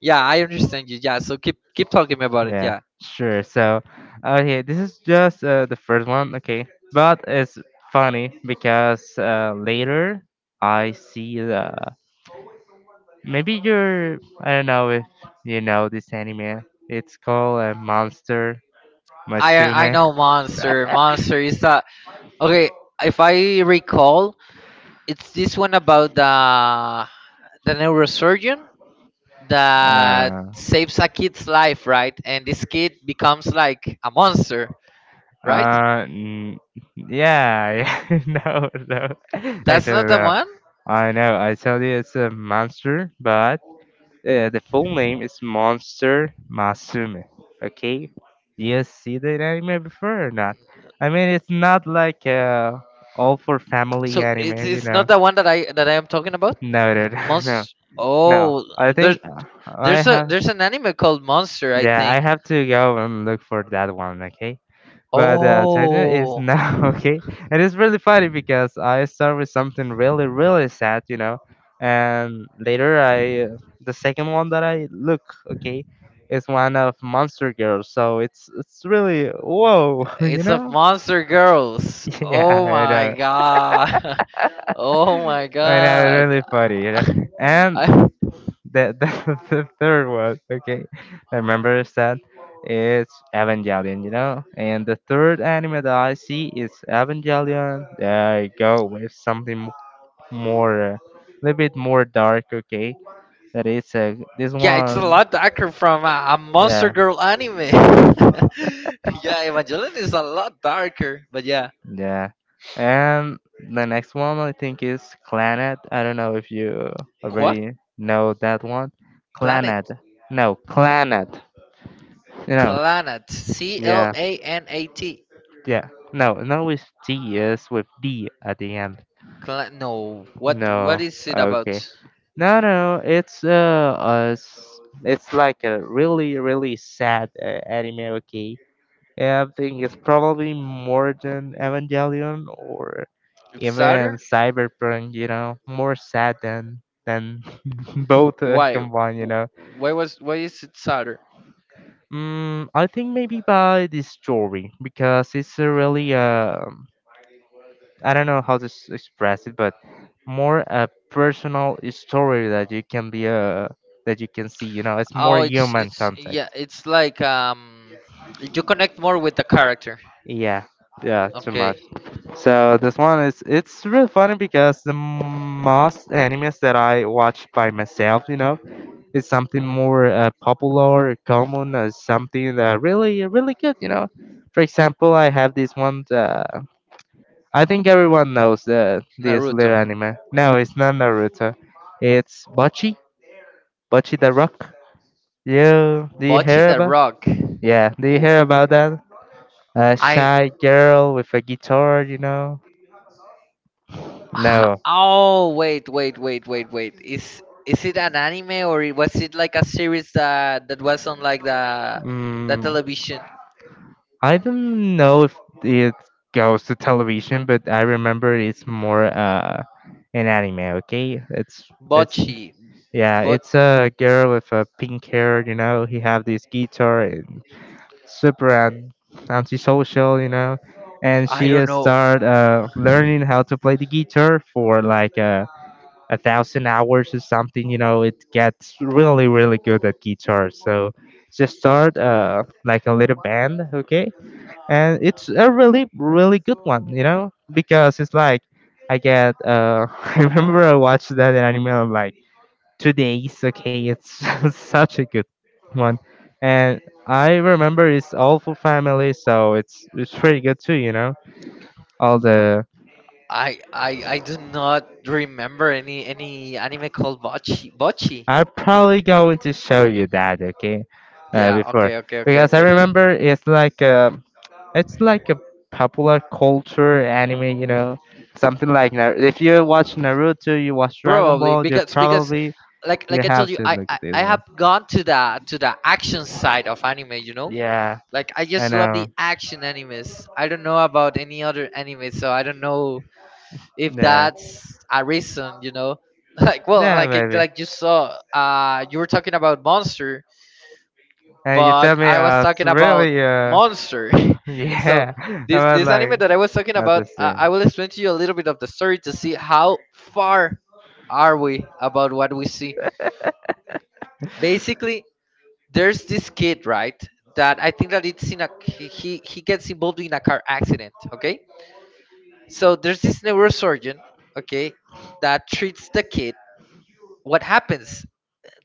Speaker 1: yeah. I understand you. Yeah. So keep talking about it.
Speaker 2: Yeah,
Speaker 1: Yeah.
Speaker 2: sure. So, okay, this is just the first one, okay? But it's funny because later I see the. Maybe you're. I don't know if you know this anime. It's called Monster
Speaker 1: I
Speaker 2: Musume.
Speaker 1: know Monster. Monster is that okay? If I recall, it's this one about the neurosurgeon that
Speaker 2: uh,
Speaker 1: saves a kid's life, right? And this kid becomes like a monster, right?
Speaker 2: Uh, n- yeah, yeah, no, no.
Speaker 1: That's not
Speaker 2: Actually,
Speaker 1: the
Speaker 2: no.
Speaker 1: one.
Speaker 2: I know. I told you it's a monster, but the full name is Monster Masume. Okay, you see that anime before or not? I mean, it's not like all for family
Speaker 1: So it's
Speaker 2: anime, you
Speaker 1: it's
Speaker 2: know.
Speaker 1: not the one that I am talking about.
Speaker 2: No, no, no, no.
Speaker 1: Monst.
Speaker 2: No.
Speaker 1: Oh,
Speaker 2: I
Speaker 1: there's
Speaker 2: think I
Speaker 1: there's a
Speaker 2: have.
Speaker 1: there's an anime called Monster, I
Speaker 2: Yeah, I
Speaker 1: think.
Speaker 2: have to go and look for that one. Okay, but Tanya is
Speaker 1: Oh,
Speaker 2: now okay, and it's really funny because I start with something really, really sad, you know, and later I the second one that I look okay is one of Monster Girl, so it's really whoa, you
Speaker 1: it's of
Speaker 2: know?
Speaker 1: Monster Girls.
Speaker 2: Yeah,
Speaker 1: Oh
Speaker 2: I
Speaker 1: my
Speaker 2: know.
Speaker 1: god. Oh my
Speaker 2: I know, it's
Speaker 1: god.
Speaker 2: really funny, you know, and
Speaker 1: I,
Speaker 2: That the, the third one, okay, I remember is that it's Evangelion, you know? And the third anime that I see is Evangelion. There you go, with something more, a little bit more dark, okay? That is this
Speaker 1: yeah, it's a
Speaker 2: one,
Speaker 1: lot darker from a Monster
Speaker 2: yeah,
Speaker 1: Girl anime. Yeah, Evangelion is a lot darker, but yeah.
Speaker 2: yeah. And the next one I think is Clannad. I don't know if you
Speaker 1: What
Speaker 2: already know that one.
Speaker 1: planet?
Speaker 2: Clannad. No, Clannad. You know,
Speaker 1: Clanat. C L
Speaker 2: yeah.
Speaker 1: A N A T.
Speaker 2: Yeah. No, no, it's DS with D at the end.
Speaker 1: Cla- no. What
Speaker 2: No.
Speaker 1: what is it about?
Speaker 2: Okay. No, no, it's it's like a really, really sad anime. Okay. Yeah, I think it's probably more than Evangelion or
Speaker 1: It's
Speaker 2: even
Speaker 1: sadder?
Speaker 2: Cyberpunk. You know, more sad than both
Speaker 1: Why? W-
Speaker 2: combined. You know.
Speaker 1: Why was why is it sadder?
Speaker 2: I think maybe by the story because it's a really I don't know how to express it, but more a personal story that you can be that you can see. You know, it's more
Speaker 1: Oh, it's
Speaker 2: human
Speaker 1: it's
Speaker 2: contact.
Speaker 1: yeah, it's like you connect more with the character.
Speaker 2: Yeah, yeah, too
Speaker 1: Okay.
Speaker 2: much. So this one is it's really funny because the most animes that I watch by myself, you know, is something more popular, common, something that really, really good. You know, for example, I have this one. I think everyone knows that this
Speaker 1: Naruto.
Speaker 2: little anime. No, it's not Naruto. It's Bocchi, Bocchi the Rock. Do you
Speaker 1: Bocchi
Speaker 2: hear
Speaker 1: the
Speaker 2: about?
Speaker 1: Rock.
Speaker 2: Yeah, do you
Speaker 1: W-
Speaker 2: hear about that? A
Speaker 1: I
Speaker 2: shy girl with a guitar, you know? No.
Speaker 1: Oh wait. Is it an anime or was it like a series that was on like the
Speaker 2: Mm,
Speaker 1: television?
Speaker 2: I don't know if it goes to television, but I remember it's more an anime. Okay, it's
Speaker 1: Bocce,
Speaker 2: yeah,
Speaker 1: but
Speaker 2: it's a girl with a pink hair. You know, he have this guitar and super antisocial, you know, and
Speaker 1: I
Speaker 2: she
Speaker 1: don't know.
Speaker 2: started learning how to play the guitar for like 1,000 hours or something. You know, it gets really, really good at guitar. So just start like a little band, okay? And it's a really, really good one, you know, because it's like I get I remember I watched that anime. I'm like, "2 days," okay, it's such a good one. And I remember it's all for family, so it's pretty good too, you know, all the
Speaker 1: I do not remember any anime called Bocce. Bocce.
Speaker 2: I'm probably going to show you that, okay,
Speaker 1: Yeah.
Speaker 2: before, because I
Speaker 1: Okay.
Speaker 2: remember it's like a popular culture anime, you know, something like if you watch Naruto, you watch Dragon
Speaker 1: Probably
Speaker 2: Ball, you
Speaker 1: because
Speaker 2: probably
Speaker 1: like
Speaker 2: you
Speaker 1: I
Speaker 2: have
Speaker 1: told you,
Speaker 2: to
Speaker 1: I,
Speaker 2: look
Speaker 1: I
Speaker 2: at this
Speaker 1: i
Speaker 2: one.
Speaker 1: have gone to the action side of anime, you know.
Speaker 2: Yeah,
Speaker 1: Like I
Speaker 2: I
Speaker 1: just love
Speaker 2: know.
Speaker 1: the action animes. I don't know about any other anime, so I don't know if
Speaker 2: Yeah,
Speaker 1: that's a reason, you know. Like well,
Speaker 2: yeah,
Speaker 1: like
Speaker 2: maybe.
Speaker 1: like you saw, you were talking about monster,
Speaker 2: And you tell
Speaker 1: but
Speaker 2: me
Speaker 1: I was
Speaker 2: it's
Speaker 1: talking about
Speaker 2: really
Speaker 1: Monster. So
Speaker 2: yeah. I
Speaker 1: this
Speaker 2: was
Speaker 1: this anime
Speaker 2: like,
Speaker 1: that I was talking
Speaker 2: not
Speaker 1: about,
Speaker 2: the same.
Speaker 1: I will explain to you a little bit of the story to see how far are we about what we see. Basically, there's this kid, right? That I think that it's in a he gets involved in a car accident. Okay, so there's this neurosurgeon, okay, that treats the kid. What happens?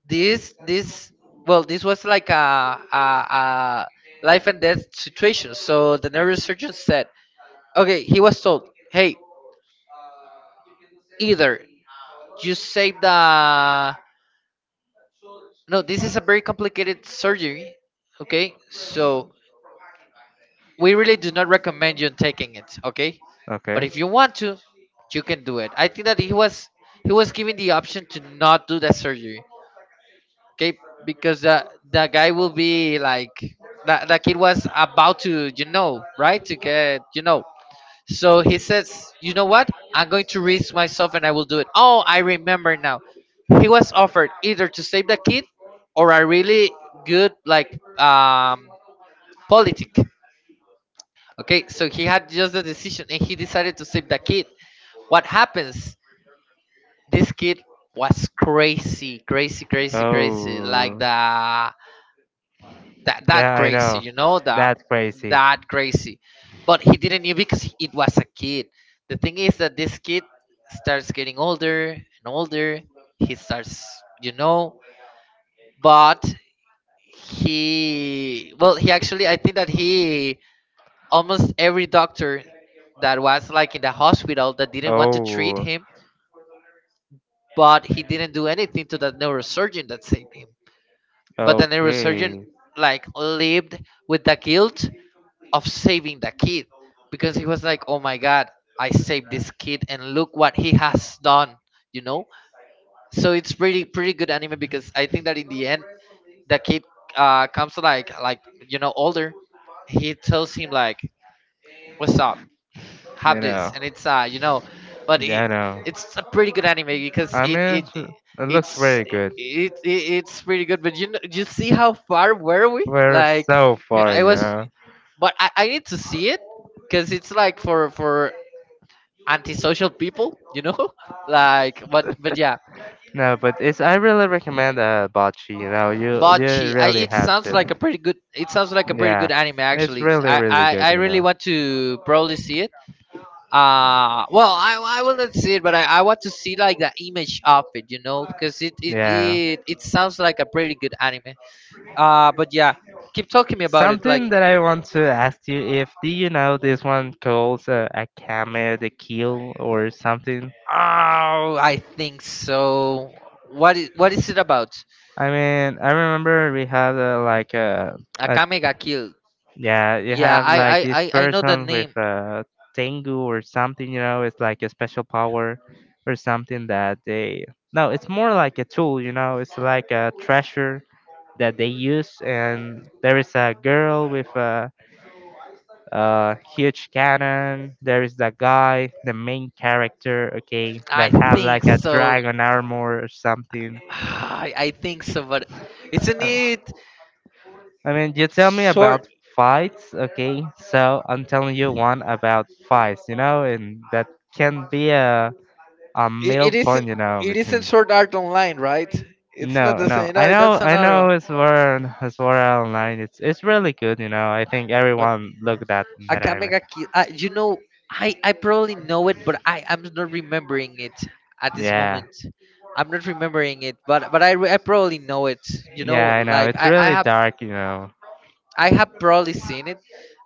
Speaker 1: This Well, this was like a life and death situation. So the neurosurgeon said, okay, he was told, hey, either you save the no, this is a very complicated surgery. Okay, so we really do not recommend you taking it, okay, but
Speaker 2: Okay.
Speaker 1: if you want to, you can do it. I think that he was given the option to not do that surgery. Okay, because the guy will be like that. The kid was about to, you know, right, to get, you know. So he says, you know what? I'm going to risk myself and I will do it. Oh, I remember now. He was offered either to save the kid or a really good, like, um, politic. Okay, so he had just the decision and he decided to save the kid. What happens? This kid was crazy. Like
Speaker 2: Oh,
Speaker 1: the that
Speaker 2: yeah, I
Speaker 1: crazy,
Speaker 2: know.
Speaker 1: you know, that
Speaker 2: That's crazy.
Speaker 1: crazy, but he didn't knew because it was a kid. The thing is that this kid starts getting older and older. He starts, you know, but he well, he actually, I think that he almost every doctor that was like in the hospital that didn't want to treat
Speaker 2: Oh.
Speaker 1: him, but he didn't do anything to that neurosurgeon that saved him. But the neurosurgeon
Speaker 2: Okay.
Speaker 1: like lived with the guilt of saving the kid because he was like, "Oh my God, I saved this kid, and look what he has done," you know. So it's really pretty good anime because I think that in the end, the kid comes like you know, older. He tells him like, "What's up? Have
Speaker 2: You
Speaker 1: this,"
Speaker 2: know.
Speaker 1: and it's you know, but
Speaker 2: Yeah,
Speaker 1: it
Speaker 2: I know.
Speaker 1: it's a pretty good anime because
Speaker 2: I mean, it looks
Speaker 1: it's
Speaker 2: very good.
Speaker 1: it's pretty good, but you know, you see how far were we.
Speaker 2: We're
Speaker 1: Like
Speaker 2: so far,
Speaker 1: I
Speaker 2: you
Speaker 1: was
Speaker 2: know.
Speaker 1: but I need to see it because it's like for antisocial people, you know. Like, but yeah,
Speaker 2: No, but it's I really recommend Bocce, you know. You
Speaker 1: Bocce. I
Speaker 2: really
Speaker 1: It
Speaker 2: have
Speaker 1: sounds like a
Speaker 2: to.
Speaker 1: pretty good. It sounds like a pretty
Speaker 2: Yeah.
Speaker 1: good anime
Speaker 2: It's
Speaker 1: actually.
Speaker 2: really really good,
Speaker 1: I
Speaker 2: you
Speaker 1: really
Speaker 2: know.
Speaker 1: want to probably see it. Well, I will not see it, but I want to see like the image of it, you know, because
Speaker 2: Yeah.
Speaker 1: it sounds like a pretty good anime. But yeah, keep talking me about it. Like,
Speaker 2: Something that I want to ask you if do you know this one calls a camel the kill or something?
Speaker 1: oh, I think so. What is it about?
Speaker 2: I mean, I remember we had like a
Speaker 1: Akame ga Kill.
Speaker 2: yeah, you
Speaker 1: Yeah,
Speaker 2: have like this
Speaker 1: I know the
Speaker 2: person with
Speaker 1: name.
Speaker 2: a tengu or something. You know, it's like a special power or something that they no, it's more like a tool. You know, it's like a treasure that they use, and there is a girl with a huge cannon. There is that guy, the main character, okay,
Speaker 1: I
Speaker 2: that have
Speaker 1: think
Speaker 2: like a
Speaker 1: so.
Speaker 2: dragon armor or something.
Speaker 1: I think so, but isn't
Speaker 2: i,
Speaker 1: it
Speaker 2: I mean, you tell me about
Speaker 1: short?
Speaker 2: fights, okay, so I'm telling you one about fights, you know, and that can be a middle
Speaker 1: It
Speaker 2: point,
Speaker 1: isn't.
Speaker 2: you know,
Speaker 1: It isn't
Speaker 2: between.
Speaker 1: short art online, right? It's not
Speaker 2: No,
Speaker 1: the
Speaker 2: no,
Speaker 1: same.
Speaker 2: I
Speaker 1: No,
Speaker 2: know,
Speaker 1: that's
Speaker 2: I
Speaker 1: another
Speaker 2: know,
Speaker 1: one.
Speaker 2: it's sword it's Sword Art Online. It's really good, you know, I think
Speaker 1: But
Speaker 2: everyone looked at that anime.
Speaker 1: Akame ga Kill. You know, I probably know it, but I'm not remembering it at this
Speaker 2: Yeah,
Speaker 1: moment. I'm not remembering it, but I, re- I probably know it. You know,
Speaker 2: yeah, I know,
Speaker 1: like
Speaker 2: it's really dark, you know.
Speaker 1: I have probably seen it.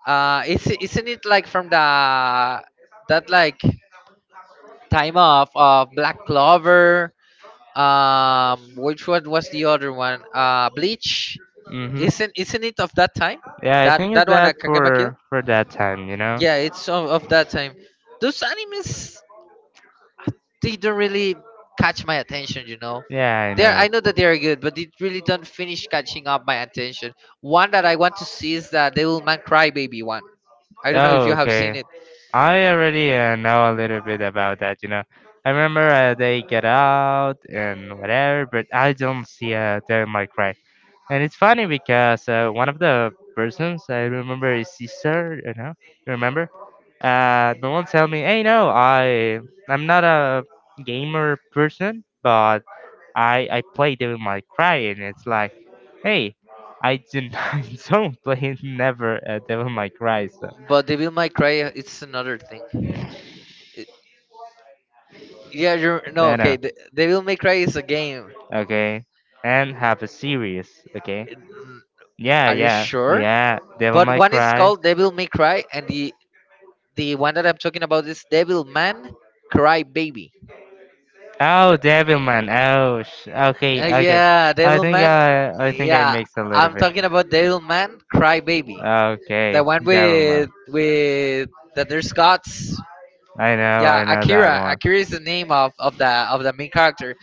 Speaker 1: Is isn't it like from the that, like, time off of Black Clover? Which one was the other one? Bleach.
Speaker 2: Hmm.
Speaker 1: Isn't it of that time?
Speaker 2: Yeah, I
Speaker 1: That
Speaker 2: think it's
Speaker 1: that one
Speaker 2: that
Speaker 1: at Kagema Kill?
Speaker 2: for that time, you know?
Speaker 1: Yeah, it's of that time. Those animes, they don't really catch my attention, you know.
Speaker 2: Yeah, I
Speaker 1: They're
Speaker 2: know.
Speaker 1: I know that they are good, but it really don't finish catching up my attention. One that I want to see is the Devilman Crybaby one. I don't know if
Speaker 2: Oh,
Speaker 1: you have seen
Speaker 2: okay.
Speaker 1: it.
Speaker 2: I already know a little bit about that, you know. I remember they get out and whatever, but I don't see them like right. And it's funny because one of the persons I remember is sister, you know, you remember? The one tell me, hey, no, I'm not a gamer person, but I play Devil May Cry, and it's like, hey, I didn't I don't play never Devil May Cry. So
Speaker 1: But Devil May Cry, it's another thing. It- yeah, you're no
Speaker 2: I
Speaker 1: okay.
Speaker 2: know,
Speaker 1: The, Devil May Cry is a game.
Speaker 2: okay, and have a series, okay,
Speaker 1: Mm,
Speaker 2: yeah,
Speaker 1: are you
Speaker 2: yeah,
Speaker 1: sure?
Speaker 2: yeah, Devil
Speaker 1: But
Speaker 2: May
Speaker 1: one is
Speaker 2: Cry.
Speaker 1: called Devil May Cry, and the one that I'm talking about is Devil Man Cry Baby.
Speaker 2: Oh, Devilman. Oh, okay, okay.
Speaker 1: Yeah,
Speaker 2: I
Speaker 1: Devil
Speaker 2: think
Speaker 1: Man.
Speaker 2: I think I
Speaker 1: Yeah,
Speaker 2: mixed a little
Speaker 1: I'm
Speaker 2: bit.
Speaker 1: talking about Devil Man Cry Baby. The
Speaker 2: Okay,
Speaker 1: one
Speaker 2: Devilman.
Speaker 1: with that there's gods. Yeah,
Speaker 2: I know that
Speaker 1: Akira.
Speaker 2: one.
Speaker 1: Akira is the name of the main character.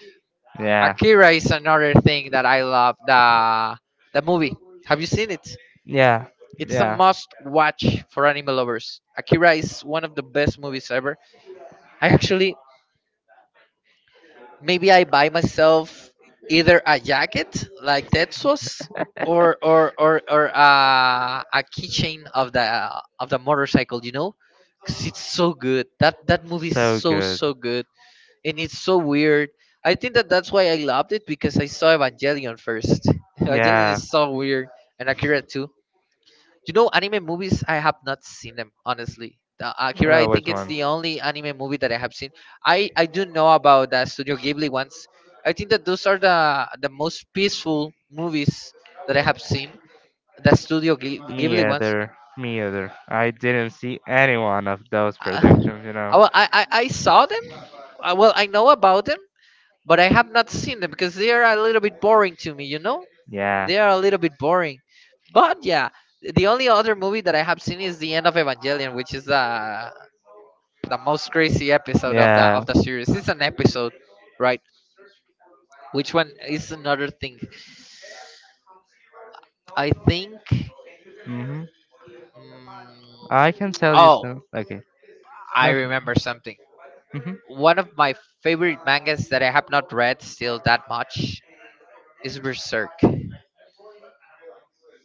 Speaker 2: Yeah.
Speaker 1: Akira is another thing that I love. The movie. Have you seen it?
Speaker 2: Yeah.
Speaker 1: It's a
Speaker 2: Yeah.
Speaker 1: must watch for anime lovers. Akira is one of the best movies ever. I actually maybe I buy myself either a jacket like Tetsuo's or a keychain of the motorcycle. You know, because it's so good. That movie is
Speaker 2: So
Speaker 1: so
Speaker 2: good.
Speaker 1: so good. And it's so weird. I think that that's why I loved it because I saw Evangelion first. Evangelion
Speaker 2: Yeah.
Speaker 1: is so weird, and Akira too. You know, anime movies I have not seen them honestly. The Akira, I
Speaker 2: Which
Speaker 1: think it's
Speaker 2: one?
Speaker 1: the only anime movie that I have seen. I do know about the Studio Ghibli ones. I think that those are the most peaceful movies that I have seen. The
Speaker 2: Me
Speaker 1: Ghibli ones.
Speaker 2: either. Me either. I didn't see any one of those
Speaker 1: Uh,
Speaker 2: predictions, you
Speaker 1: I,
Speaker 2: know.
Speaker 1: wa- I I I saw them. Well, I know about them, but I have not seen them because they are a little bit boring to me, you know?
Speaker 2: Yeah.
Speaker 1: They are a little bit boring. But yeah, the only other movie that I have seen is the end of Evangelion, which is the most crazy episode of the
Speaker 2: Yeah.
Speaker 1: of the series. It's an episode, right? Which one is another thing? I think.
Speaker 2: Mhm. I can
Speaker 1: Mm,
Speaker 2: tell you
Speaker 1: oh,
Speaker 2: some. Okay.
Speaker 1: I
Speaker 2: No.
Speaker 1: remember something.
Speaker 2: Hmm.
Speaker 1: One of my favorite mangas that I have not read still that much is Berserk.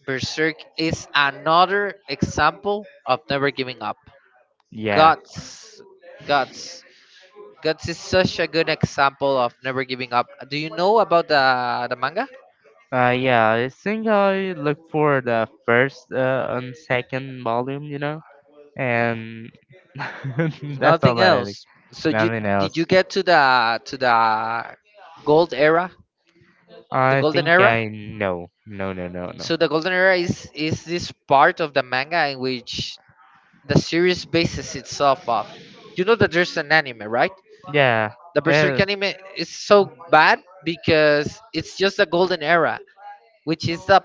Speaker 1: Berserk is another example of never giving up.
Speaker 2: Yeah.
Speaker 1: Guts. Guts. Guts is such a good example of never giving up. Do you know about the manga?
Speaker 2: Yeah, I think I look for the first and second volume, you know, and that's all
Speaker 1: Nothing
Speaker 2: that I think.
Speaker 1: else. So you
Speaker 2: Nothing
Speaker 1: did
Speaker 2: else.
Speaker 1: you get to the gold era? The
Speaker 2: I
Speaker 1: golden
Speaker 2: think
Speaker 1: era?
Speaker 2: I know. No, no, no, no.
Speaker 1: So the golden era is this part of the manga in which the series bases itself off. You know that there's an anime, right?
Speaker 2: Yeah.
Speaker 1: The Berserk
Speaker 2: eh,
Speaker 1: anime is so bad because it's just the golden era, which is the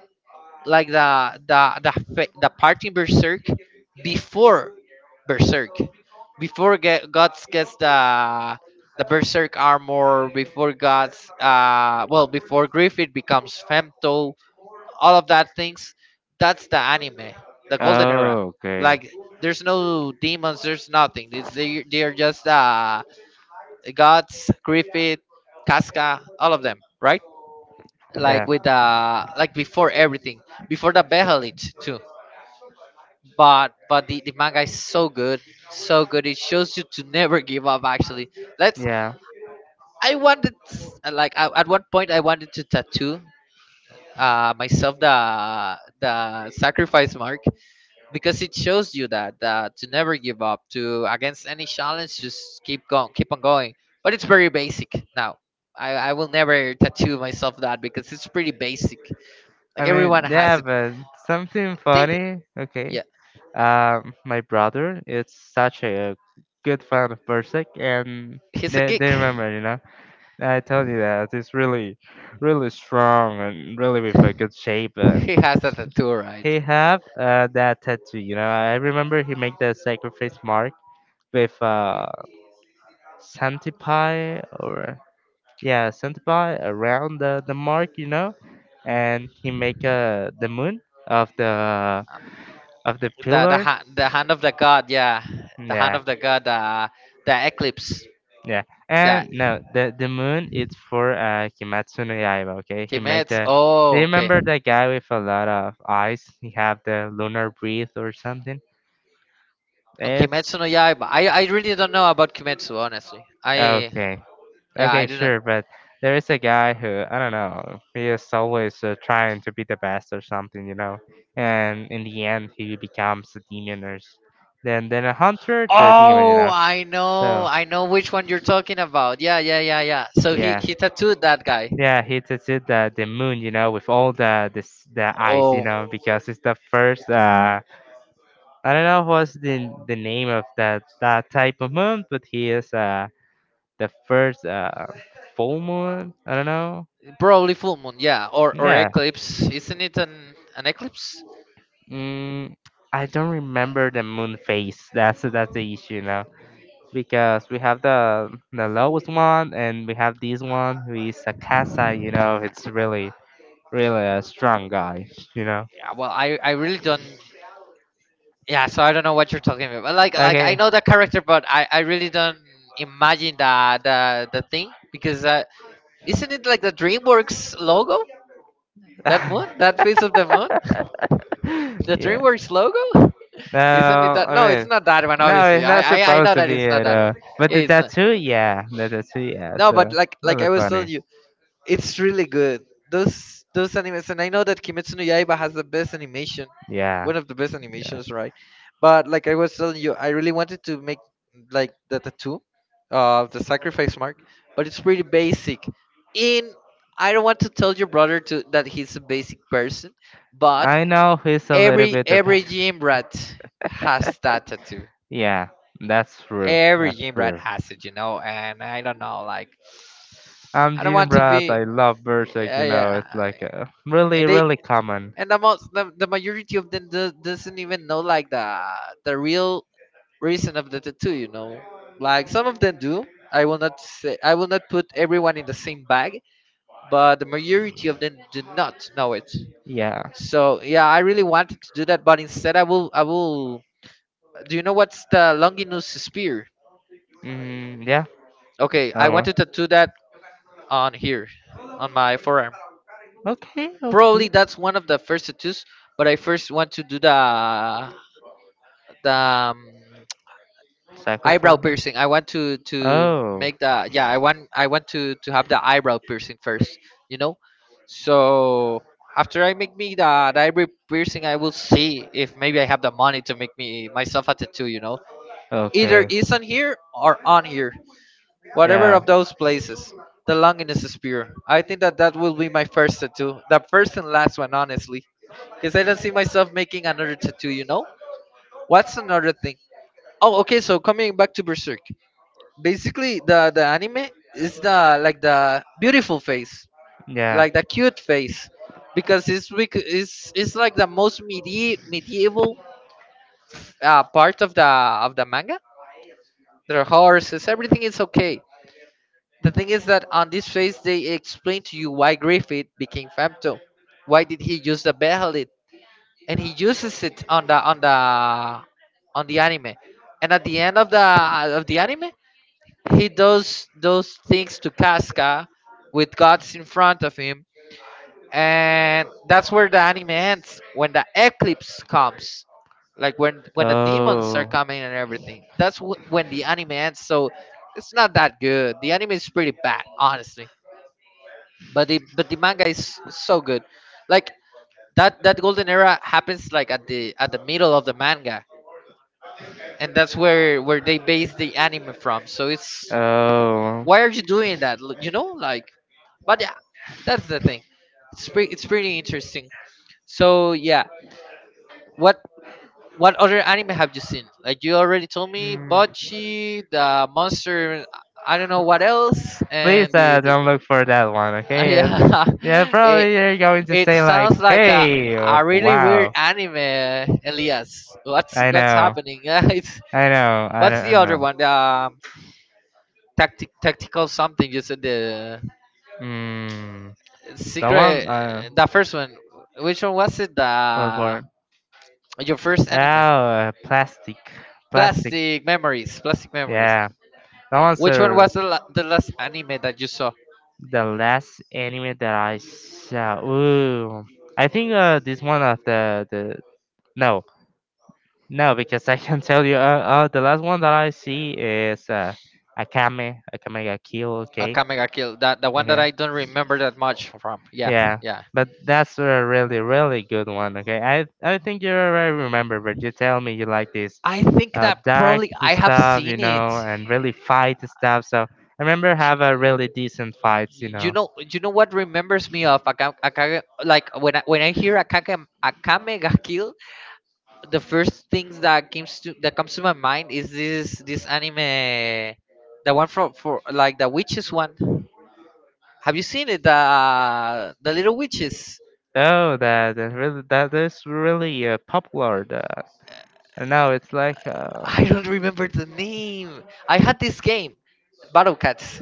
Speaker 1: like the part in before Berserk, before Guts gets the Berserk armor, before Guts, well, before Griffith becomes Femto, all of that things. That's the anime, the golden era.
Speaker 2: Oh, okay.
Speaker 1: Like there's no demons, there's nothing. It's, they are just Guts, Griffith, Casca, all of them, right?
Speaker 2: Yeah.
Speaker 1: Like with like before everything, before the Behelit too. But the manga is so good, so good. It shows you to never give up. Actually, let's.
Speaker 2: Yeah,
Speaker 1: I wanted like at one point I wanted to tattoo myself the sacrifice mark because it shows you that to never give up, to against any challenge, just keep going, keep on going, but it's very basic now. I will never tattoo myself that because it's pretty basic, like
Speaker 2: I
Speaker 1: everyone
Speaker 2: mean,
Speaker 1: has
Speaker 2: yeah,
Speaker 1: it.
Speaker 2: but something
Speaker 1: They- they-
Speaker 2: funny. Okay,
Speaker 1: yeah,
Speaker 2: my brother is such a good fan of Berserk, and
Speaker 1: he's a
Speaker 2: they
Speaker 1: geek.
Speaker 2: they
Speaker 1: He
Speaker 2: remember, you know. I told you that he's really, really strong and really with a good shape, and
Speaker 1: has a
Speaker 2: s-
Speaker 1: tattoo, right?
Speaker 2: he have that tattoo. You know, I remember he made the sacrifice mark with Santipai or yeah, santa around the mark, you know, and he make the moon of the
Speaker 1: Um,
Speaker 2: of the pillar,
Speaker 1: the hand of the god, yeah. The hand
Speaker 2: yeah,
Speaker 1: of the god, the eclipse,
Speaker 2: yeah.
Speaker 1: that.
Speaker 2: And no, the moon, it's for Kimetsu no Yaiba, okay, he make
Speaker 1: Kimetsu,
Speaker 2: the do
Speaker 1: oh,
Speaker 2: you
Speaker 1: okay.
Speaker 2: remember that guy with a lot of eyes, he have the lunar breath or something.
Speaker 1: On
Speaker 2: It's
Speaker 1: Kimetsu no Yaiba, I really don't know about Kimetsu, honestly. I, yeah,
Speaker 2: okay. Okay,
Speaker 1: I do not.
Speaker 2: sure, but there is a guy who I don't know. He is always trying to be the best or something, you know. And in the end, he becomes a demon or then a hunter to a demon, you
Speaker 1: Oh,
Speaker 2: know.
Speaker 1: I know.
Speaker 2: So
Speaker 1: I know which one you're talking about. Yeah, yeah, yeah, yeah. So he
Speaker 2: yeah,
Speaker 1: he tattooed that guy.
Speaker 2: yeah, he tattooed the moon, you know, with all the eyes, you
Speaker 1: Oh,
Speaker 2: know, because it's the first. I don't know what's the name of that type of moon, but he is the first full moon. I don't know.
Speaker 1: probably full moon. Yeah, or
Speaker 2: Yeah.
Speaker 1: eclipse. Isn't it an eclipse?
Speaker 2: Mm, I don't remember the moon phase. That's the issue now because we have the lowest one, and we have this one who is a Casa. You know, it's really really a strong guy. You know.
Speaker 1: Yeah. Well, I really don't. Yeah. So I don't know what you're talking about. But like
Speaker 2: Okay.
Speaker 1: I know the character, but I really don't imagine the the thing because isn't it like the DreamWorks logo? That moon, that face of the moon, the
Speaker 2: yeah.
Speaker 1: DreamWorks logo.
Speaker 2: No,
Speaker 1: Isn't it that?
Speaker 2: I
Speaker 1: No, it's
Speaker 2: mean,
Speaker 1: not that one.
Speaker 2: no,
Speaker 1: Obviously,
Speaker 2: it's not
Speaker 1: I
Speaker 2: supposed
Speaker 1: know
Speaker 2: to
Speaker 1: that
Speaker 2: be
Speaker 1: it's not
Speaker 2: at
Speaker 1: that one.
Speaker 2: but
Speaker 1: Yeah,
Speaker 2: the
Speaker 1: it's not.
Speaker 2: tattoo, yeah, the tattoo, yeah.
Speaker 1: No,
Speaker 2: So
Speaker 1: but like
Speaker 2: really
Speaker 1: I was telling
Speaker 2: funny.
Speaker 1: you, it's really good, those animes, and I know that Kimetsu no Yaiba has the best animation,
Speaker 2: Yeah,
Speaker 1: one of the best
Speaker 2: yeah.
Speaker 1: animations, right? But like I was telling you, I really wanted to make like the tattoo of the sacrifice mark, but it's pretty basic. In I don't want to tell your brother to that he's a basic person, but
Speaker 2: I know he's a little
Speaker 1: every
Speaker 2: bit the
Speaker 1: every
Speaker 2: best.
Speaker 1: gym rat has that tattoo,
Speaker 2: Yeah, that's true.
Speaker 1: every
Speaker 2: That's
Speaker 1: gym rat
Speaker 2: true.
Speaker 1: has it, you know. And I don't know, like
Speaker 2: I'm
Speaker 1: I don't
Speaker 2: Gene
Speaker 1: want to
Speaker 2: Brad.
Speaker 1: be,
Speaker 2: I love Berserk.
Speaker 1: yeah,
Speaker 2: You
Speaker 1: yeah.
Speaker 2: know, it's like
Speaker 1: And
Speaker 2: really,
Speaker 1: they
Speaker 2: really common.
Speaker 1: and the majority of them do, doesn't even know like the real reason of the tattoo, you know. Like some of them do. I will not say, I will not put everyone in the same bag, but the majority of them do not know it.
Speaker 2: Yeah.
Speaker 1: So yeah, I really wanted to do that, but instead I will. Do you know what's the Longinus spear?
Speaker 2: Mm, yeah.
Speaker 1: Okay,
Speaker 2: That
Speaker 1: I want
Speaker 2: one.
Speaker 1: to tattoo that on here, on my forearm.
Speaker 2: Okay.
Speaker 1: Probably
Speaker 2: Okay.
Speaker 1: that's one of the first tattoos, but I first want to do the the um, eyebrow
Speaker 2: Sacrifice.
Speaker 1: piercing. I want to
Speaker 2: Oh.
Speaker 1: make the, yeah. I want to have the eyebrow piercing first. You know, so after I make me the eyebrow piercing, I will see if maybe I have the money to make me myself a tattoo. You know, either
Speaker 2: Okay.
Speaker 1: is on here or on here, whatever
Speaker 2: Yeah.
Speaker 1: of those places. The loneliness is pure. I think that that will be my first tattoo, the first and last one, honestly. Because I don't see myself making another tattoo, you know? What's another thing? Oh, okay, so coming back to Berserk. Basically, the anime is the, like, the beautiful face.
Speaker 2: Yeah.
Speaker 1: Like, the cute face. Because it's, it's like the most medieval part of the manga. There are horses, everything is okay. The thing is that on this phase they explain to you why Griffith became Femto. Why did he use the Behelit? And he uses it on the anime. And at the end of the anime, he does those things to Casca with gods in front of him. And that's where the anime ends when the eclipse comes. Like when the demons are
Speaker 2: Oh.
Speaker 1: coming and everything. That's when the anime ends. So it's not that good. The anime is pretty bad, honestly, but the manga is so good, like that golden era happens like at the middle of the manga, and that's where they base the anime from. So it's,
Speaker 2: Oh.
Speaker 1: why are you doing that you know, like, but yeah, that's the thing. It's pretty, it's pretty interesting. So yeah, what what other anime have you seen? Like you already told me
Speaker 2: Mm,
Speaker 1: Bocchi the Monster. I don't know what else,
Speaker 2: please
Speaker 1: and the,
Speaker 2: uh,
Speaker 1: the.
Speaker 2: don't look for that one, okay?
Speaker 1: Yeah.
Speaker 2: Yeah,
Speaker 1: Eh,
Speaker 2: probably you're going to
Speaker 1: it
Speaker 2: say like,
Speaker 1: sounds like
Speaker 2: "Hey,
Speaker 1: a really weird
Speaker 2: wow."
Speaker 1: anime, Elias.
Speaker 2: I
Speaker 1: What's
Speaker 2: know,
Speaker 1: happening? It's,
Speaker 2: I know, I
Speaker 1: what's the
Speaker 2: don't
Speaker 1: other
Speaker 2: know.
Speaker 1: one? The tactic, tactical something. You said the
Speaker 2: Mm, the one,
Speaker 1: secret. The first one. Which one was it?
Speaker 2: what
Speaker 1: The
Speaker 2: for?
Speaker 1: your first
Speaker 2: Oh,
Speaker 1: anime?
Speaker 2: plastic, plastic.
Speaker 1: Plastic memories. Plastic memories.
Speaker 2: Yeah. That was
Speaker 1: Which one
Speaker 2: the
Speaker 1: was the, the last anime that you saw?
Speaker 2: the last anime that I saw. Ooh, I think this one of the no, no, because I can tell you the last one that I see is Akame ga Kill. Okay,
Speaker 1: Akame ga Kill. That the one that
Speaker 2: okay.
Speaker 1: I don't remember that much from. Yeah,
Speaker 2: Yeah,
Speaker 1: yeah.
Speaker 2: but that's a really, really good one. Okay, I think you already remember, but you tell me you like this
Speaker 1: I think that
Speaker 2: dark
Speaker 1: probably I have
Speaker 2: stuff, you
Speaker 1: seen it.
Speaker 2: know, and really fight stuff. So I remember have a really decent fights, you
Speaker 1: You
Speaker 2: know.
Speaker 1: know, you know what remembers me of Aka, Akage, like when I hear Akage, Akame ga Kill, the first things that comes to my mind is this anime, the one from for like the witches one. Have you seen it, the little witches?
Speaker 2: Oh, that is really popular. I know it's like
Speaker 1: I don't remember the name. I had this game, Battle Cats.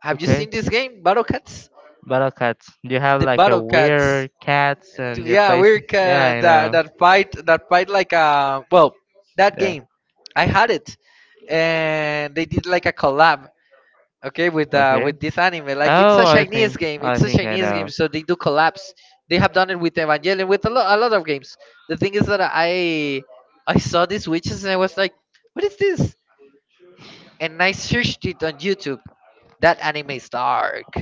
Speaker 1: Have you
Speaker 2: okay,
Speaker 1: seen this game, Battle Cats?
Speaker 2: battle cats. You have
Speaker 1: The
Speaker 2: like a
Speaker 1: Battle Cats.
Speaker 2: weird cats and you
Speaker 1: Yeah,
Speaker 2: place.
Speaker 1: we're
Speaker 2: Yeah, I
Speaker 1: that
Speaker 2: know.
Speaker 1: that fight, that fight, like, uh, well, that
Speaker 2: Yeah.
Speaker 1: game, I had it, and they did like a collab, okay,
Speaker 2: Okay.
Speaker 1: with this anime. Like, it's
Speaker 2: Oh,
Speaker 1: a Chinese game,
Speaker 2: I
Speaker 1: it's a
Speaker 2: think I
Speaker 1: Chinese game,
Speaker 2: know.
Speaker 1: so they do collabs. They have done it with Evangelion, with a, lot, a lot of games. The thing is that I saw these witches and I was like, what is this? And I searched it on YouTube. That anime is dark,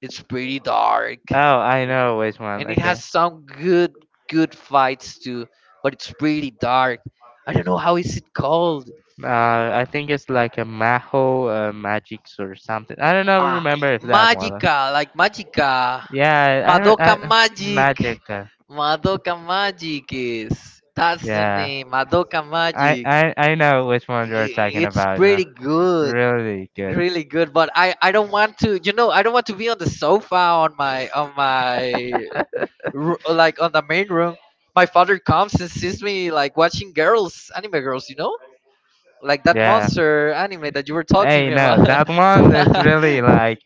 Speaker 1: it's pretty dark,
Speaker 2: Oh, I know which one.
Speaker 1: and it
Speaker 2: Okay.
Speaker 1: has some good, good fights too, but it's pretty dark. I don't know how is it called.
Speaker 2: I think it's like a Maho Magics or something. I don't know.
Speaker 1: Ah,
Speaker 2: Remember if that one.
Speaker 1: magica, like magica,
Speaker 2: Yeah, I, re-
Speaker 1: Madoka
Speaker 2: I
Speaker 1: magic,
Speaker 2: Magica.
Speaker 1: Madoka magic is, that's the
Speaker 2: Yeah,
Speaker 1: name, Madoka
Speaker 2: I,
Speaker 1: magic.
Speaker 2: I I know which one you're talking
Speaker 1: It's
Speaker 2: about. You
Speaker 1: pretty
Speaker 2: know.
Speaker 1: good,
Speaker 2: Really good.
Speaker 1: really good, but i don't want to, you know, I don't want to be on the sofa on like on the main room, my father comes and sees me like watching girls, anime girls, you know, like that
Speaker 2: Yeah.
Speaker 1: monster anime that you were
Speaker 2: Hey,
Speaker 1: talking
Speaker 2: no,
Speaker 1: about.
Speaker 2: that one is really like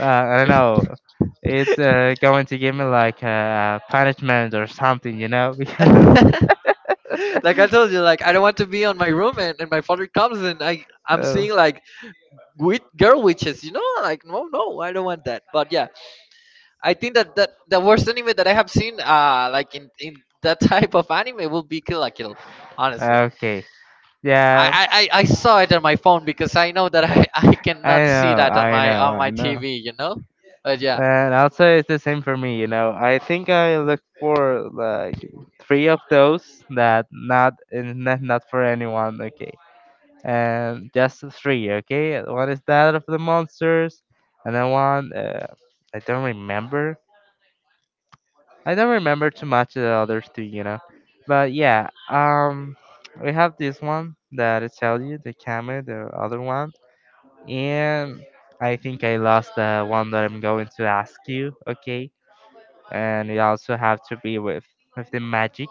Speaker 2: I don't know. It's going to give me like a punishment or something, you know, because
Speaker 1: Like I told you, like I don't want to be on my room, and my father comes and I'm seeing like with girl witches, you know, like no, no, I don't want that. But yeah, I think that that the worst anime that I have seen, like in that type of anime will be Kill la Kill, honestly.
Speaker 2: Okay. Yeah.
Speaker 1: I, I,
Speaker 2: I
Speaker 1: I saw it on my
Speaker 2: know,
Speaker 1: phone because I know that I, I
Speaker 2: I
Speaker 1: cannot see that on my
Speaker 2: know,
Speaker 1: on
Speaker 2: I
Speaker 1: my
Speaker 2: know.
Speaker 1: TV, you know? But yeah,
Speaker 2: And also, it's the same for me. You know, I think I look for like three of those that not not for anyone. Okay, and just three. Okay, one is that of the monsters, and then one I don't remember. I don't remember too much of the other two, you know. But yeah, we have this one that I tell you, the camera, the other one, and I think I lost the one that I'm going to ask you. Okay, and you also have to be with the magic.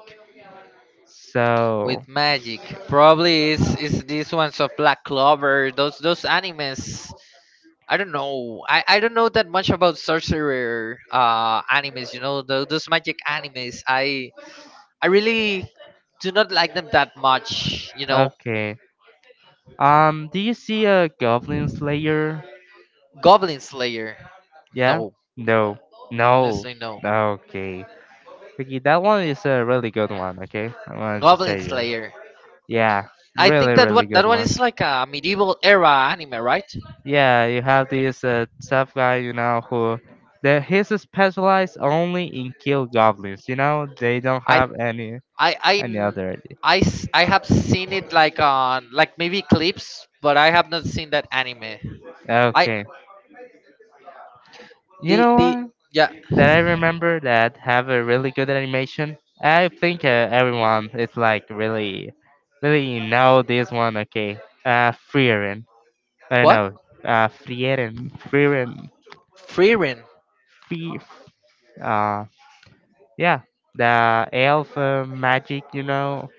Speaker 2: So
Speaker 1: with magic. Probably is these ones of Black Clover, those animes. I don't know. I don't know that much about sorcerer animes, you know, tho- those magic animes. I really do not like them that much, you know.
Speaker 2: okay, do you see a goblin slayer?
Speaker 1: Goblin Slayer.
Speaker 2: Yeah.
Speaker 1: No.
Speaker 2: No. No.
Speaker 1: Honestly no.
Speaker 2: Okay. Okay, that one is a really good one. Okay, I wanted to
Speaker 1: Goblin
Speaker 2: say you.
Speaker 1: Slayer.
Speaker 2: Yeah,
Speaker 1: I think
Speaker 2: really,
Speaker 1: that
Speaker 2: really
Speaker 1: one, that
Speaker 2: good
Speaker 1: one
Speaker 2: one.
Speaker 1: is like a medieval era anime, right?
Speaker 2: Yeah, you have this tough guy, you know, who that he's specialized only in kill goblins. You know, they don't
Speaker 1: I
Speaker 2: have
Speaker 1: I
Speaker 2: any
Speaker 1: n-
Speaker 2: other idea.
Speaker 1: I s- I have seen it like on like maybe clips, but I have not seen that anime. I
Speaker 2: Okay, you
Speaker 1: the
Speaker 2: know
Speaker 1: the
Speaker 2: what?
Speaker 1: yeah.
Speaker 2: That I remember that have a really good animation. I think everyone is like really, really know this one. Okay, Frieren. I don't
Speaker 1: What?
Speaker 2: know. Frieren,
Speaker 1: Frieren?
Speaker 2: Fri. Uh. Yeah, the elf magic, you know.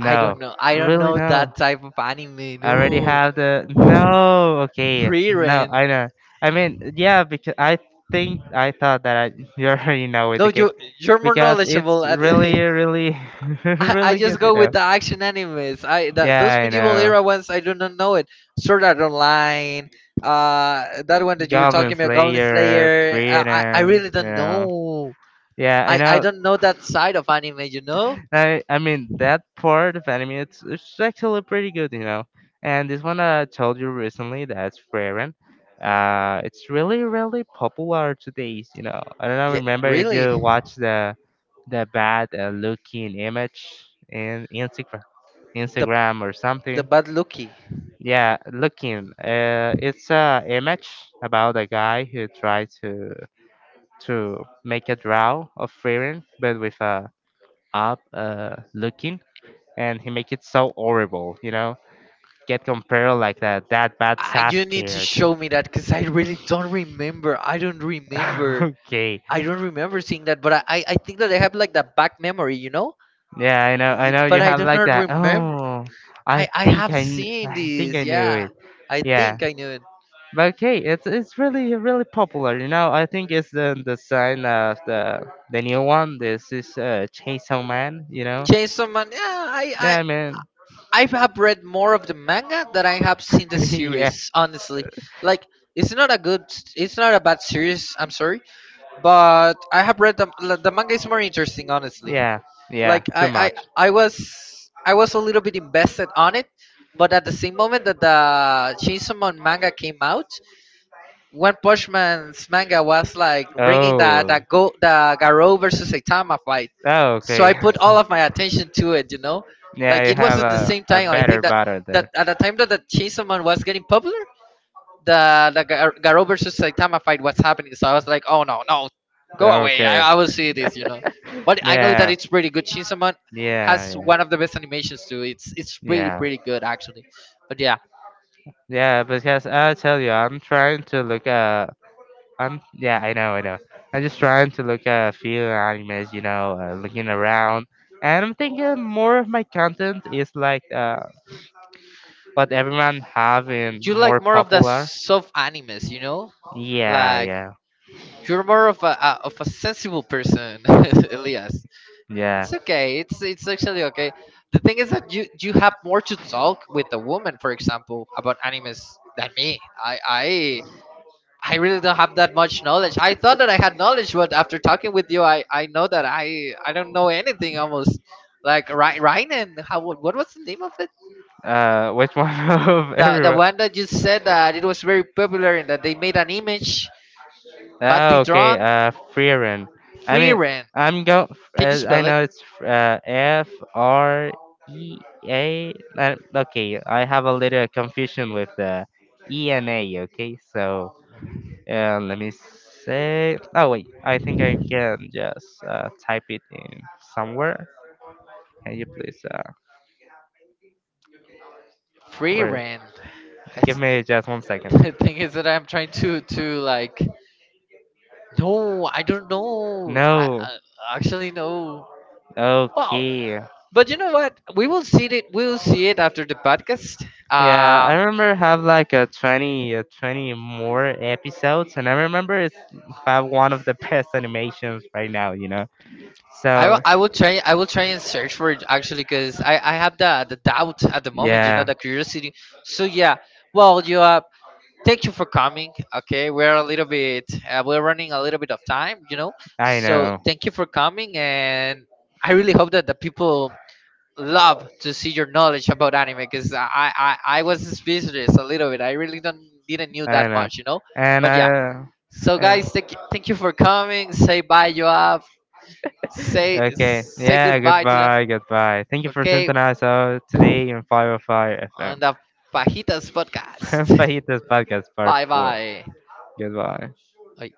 Speaker 1: I don't
Speaker 2: No,
Speaker 1: know. I don't
Speaker 2: really
Speaker 1: know
Speaker 2: no.
Speaker 1: that type of anime.
Speaker 2: I already
Speaker 1: No.
Speaker 2: have the no. Okay, no,
Speaker 1: Frieren.
Speaker 2: I know. I mean, yeah, because I think I thought that I you already know it.
Speaker 1: No,
Speaker 2: Okay,
Speaker 1: you you're more
Speaker 2: because it's
Speaker 1: knowledgeable at.
Speaker 2: really, really,
Speaker 1: I
Speaker 2: really
Speaker 1: just
Speaker 2: good, you
Speaker 1: go with
Speaker 2: know.
Speaker 1: the action animes. I that
Speaker 2: Yeah,
Speaker 1: those
Speaker 2: I
Speaker 1: medieval
Speaker 2: know.
Speaker 1: era ones I do not know it. Sword Art Online, that one that you were
Speaker 2: Goblin
Speaker 1: talking about, Goblin
Speaker 2: Slayer,
Speaker 1: Slayer. I
Speaker 2: Freedom,
Speaker 1: really
Speaker 2: you
Speaker 1: don't
Speaker 2: know.
Speaker 1: know.
Speaker 2: Yeah, I
Speaker 1: I
Speaker 2: know.
Speaker 1: don't know that side of anime. You know?
Speaker 2: I mean that part of anime it's actually pretty good, you know. And this one I told you recently, that's Frieren. It's really really popular today, you know. I don't know,
Speaker 1: Yeah,
Speaker 2: remember if
Speaker 1: really.
Speaker 2: you watch the bad looking image in
Speaker 1: The
Speaker 2: Instagram or
Speaker 1: the
Speaker 2: something.
Speaker 1: bad lucky.
Speaker 2: Yeah, looking. It's a image about a guy who tried to make a draw of Frieren, but with a up looking, and he make it so horrible, you know? Get compared like that bad
Speaker 1: I you need
Speaker 2: Sasuke,
Speaker 1: to
Speaker 2: okay?
Speaker 1: show me that because I really don't remember. I don't remember.
Speaker 2: Okay.
Speaker 1: I don't remember seeing that, but I, I think that I have like that back memory, you know.
Speaker 2: Yeah, I know. I know
Speaker 1: But
Speaker 2: you
Speaker 1: I
Speaker 2: have
Speaker 1: do
Speaker 2: like
Speaker 1: not
Speaker 2: that.
Speaker 1: remember.
Speaker 2: Oh, I
Speaker 1: I
Speaker 2: think
Speaker 1: have seen
Speaker 2: I think
Speaker 1: this.
Speaker 2: I knew
Speaker 1: Yeah,
Speaker 2: it.
Speaker 1: I
Speaker 2: Yeah.
Speaker 1: think I knew it.
Speaker 2: But okay, it's really really popular. You know, I think it's the sign of the new one. This is Chainsaw Man. You know.
Speaker 1: Chainsaw Man. Yeah, I I
Speaker 2: Yeah, man.
Speaker 1: I have read more of the manga than I have seen the
Speaker 2: yeah.
Speaker 1: series. Honestly, like it's not a good, it's not a bad series. I'm sorry, but I have read the, like, the manga is more interesting. Honestly,
Speaker 2: Yeah. Yeah.
Speaker 1: like
Speaker 2: Too
Speaker 1: I
Speaker 2: much.
Speaker 1: I was I was a little bit invested on it, but at the same moment that the Chainsaw Man manga came out, One Punch Man's manga was like bringing the
Speaker 2: Oh.
Speaker 1: the go the Garo versus Saitama fight,
Speaker 2: Oh,
Speaker 1: so
Speaker 2: okay.
Speaker 1: I put all of my attention to it. You know, like
Speaker 2: yeah, you
Speaker 1: it was
Speaker 2: have
Speaker 1: at the
Speaker 2: a,
Speaker 1: same
Speaker 2: a
Speaker 1: time. I
Speaker 2: better
Speaker 1: think that
Speaker 2: battle
Speaker 1: that
Speaker 2: there.
Speaker 1: at the time that the Chainsaw Man was getting popular, Garo versus Saitama fight was happening. So I was like, oh no, no, go away.
Speaker 2: Okay.
Speaker 1: I will see this. You know, but I know that
Speaker 2: yeah.
Speaker 1: it's pretty good. Chainsaw Man
Speaker 2: Yeah,
Speaker 1: has
Speaker 2: yeah.
Speaker 1: one of the best animations too. It's really
Speaker 2: Yeah.
Speaker 1: pretty good actually. But yeah,
Speaker 2: Yeah, because I'll tell you, I'm trying to look at yeah, I know, I know. I'm just trying to look at a few animes, you know, looking around, and I'm thinking more of my content is like what everyone have and
Speaker 1: you
Speaker 2: more
Speaker 1: like more of the
Speaker 2: popular.
Speaker 1: soft animes, you know?
Speaker 2: Yeah,
Speaker 1: Like
Speaker 2: yeah,
Speaker 1: you're more of a of a sensible person, Elias.
Speaker 2: yeah.
Speaker 1: It's okay. It's actually okay. The thing is that you have more to talk with a woman, for example, about animes than me. I really don't have that much knowledge. I thought that I had knowledge, but after talking with you, I know that I don't know anything almost. Like Ryan, how, what was the name of it?
Speaker 2: Which one of
Speaker 1: The
Speaker 2: everyone?
Speaker 1: one that you said that it was very popular and that they made an image, but they
Speaker 2: Oh, okay.
Speaker 1: drawn
Speaker 2: Freeran. I
Speaker 1: free
Speaker 2: mean,
Speaker 1: rent.
Speaker 2: I'm go.
Speaker 1: Can you
Speaker 2: I
Speaker 1: spell it?
Speaker 2: know it's FREA. Okay, I have a little confusion with the E and A. Okay, so let me say. Oh wait, I think I can just type it in somewhere. Can you please
Speaker 1: Free
Speaker 2: where?
Speaker 1: rent.
Speaker 2: Give
Speaker 1: It's-
Speaker 2: me just one second.
Speaker 1: the thing is that I'm trying to like, no, I don't know.
Speaker 2: No.
Speaker 1: I actually no. Wow.
Speaker 2: Okay.
Speaker 1: But you know what? We will see it. We will see it after the podcast.
Speaker 2: Yeah,
Speaker 1: Uh
Speaker 2: I remember have like a 20 more episodes, and I remember it's have one of the best animations right now, you know. So
Speaker 1: I will try, and search for it actually, because I have the doubt at the moment, you know,
Speaker 2: yeah,
Speaker 1: the curiosity. So yeah. Well, you thank you for coming. Okay, we're a little bit, we're running a little bit of time, you know.
Speaker 2: I
Speaker 1: So
Speaker 2: know.
Speaker 1: thank you for coming, and I really hope that the people love to see your knowledge about anime because I was speechless a little bit. I really don't didn't knew
Speaker 2: I
Speaker 1: that
Speaker 2: know,
Speaker 1: much, you know.
Speaker 2: and
Speaker 1: But yeah,
Speaker 2: I.
Speaker 1: so guys, thank you for coming. Say bye, Joab.
Speaker 2: Yeah.
Speaker 1: Say
Speaker 2: Okay.
Speaker 1: say
Speaker 2: Yeah,
Speaker 1: goodbye to them.
Speaker 2: goodbye, goodbye. Thank you for
Speaker 1: Okay,
Speaker 2: synthesizing us today on 505
Speaker 1: on
Speaker 2: FM.
Speaker 1: the Pajitas podcast.
Speaker 2: Fajitas Podcast Part
Speaker 1: Bye
Speaker 2: 4.
Speaker 1: bye.
Speaker 2: Goodbye.
Speaker 1: Ay.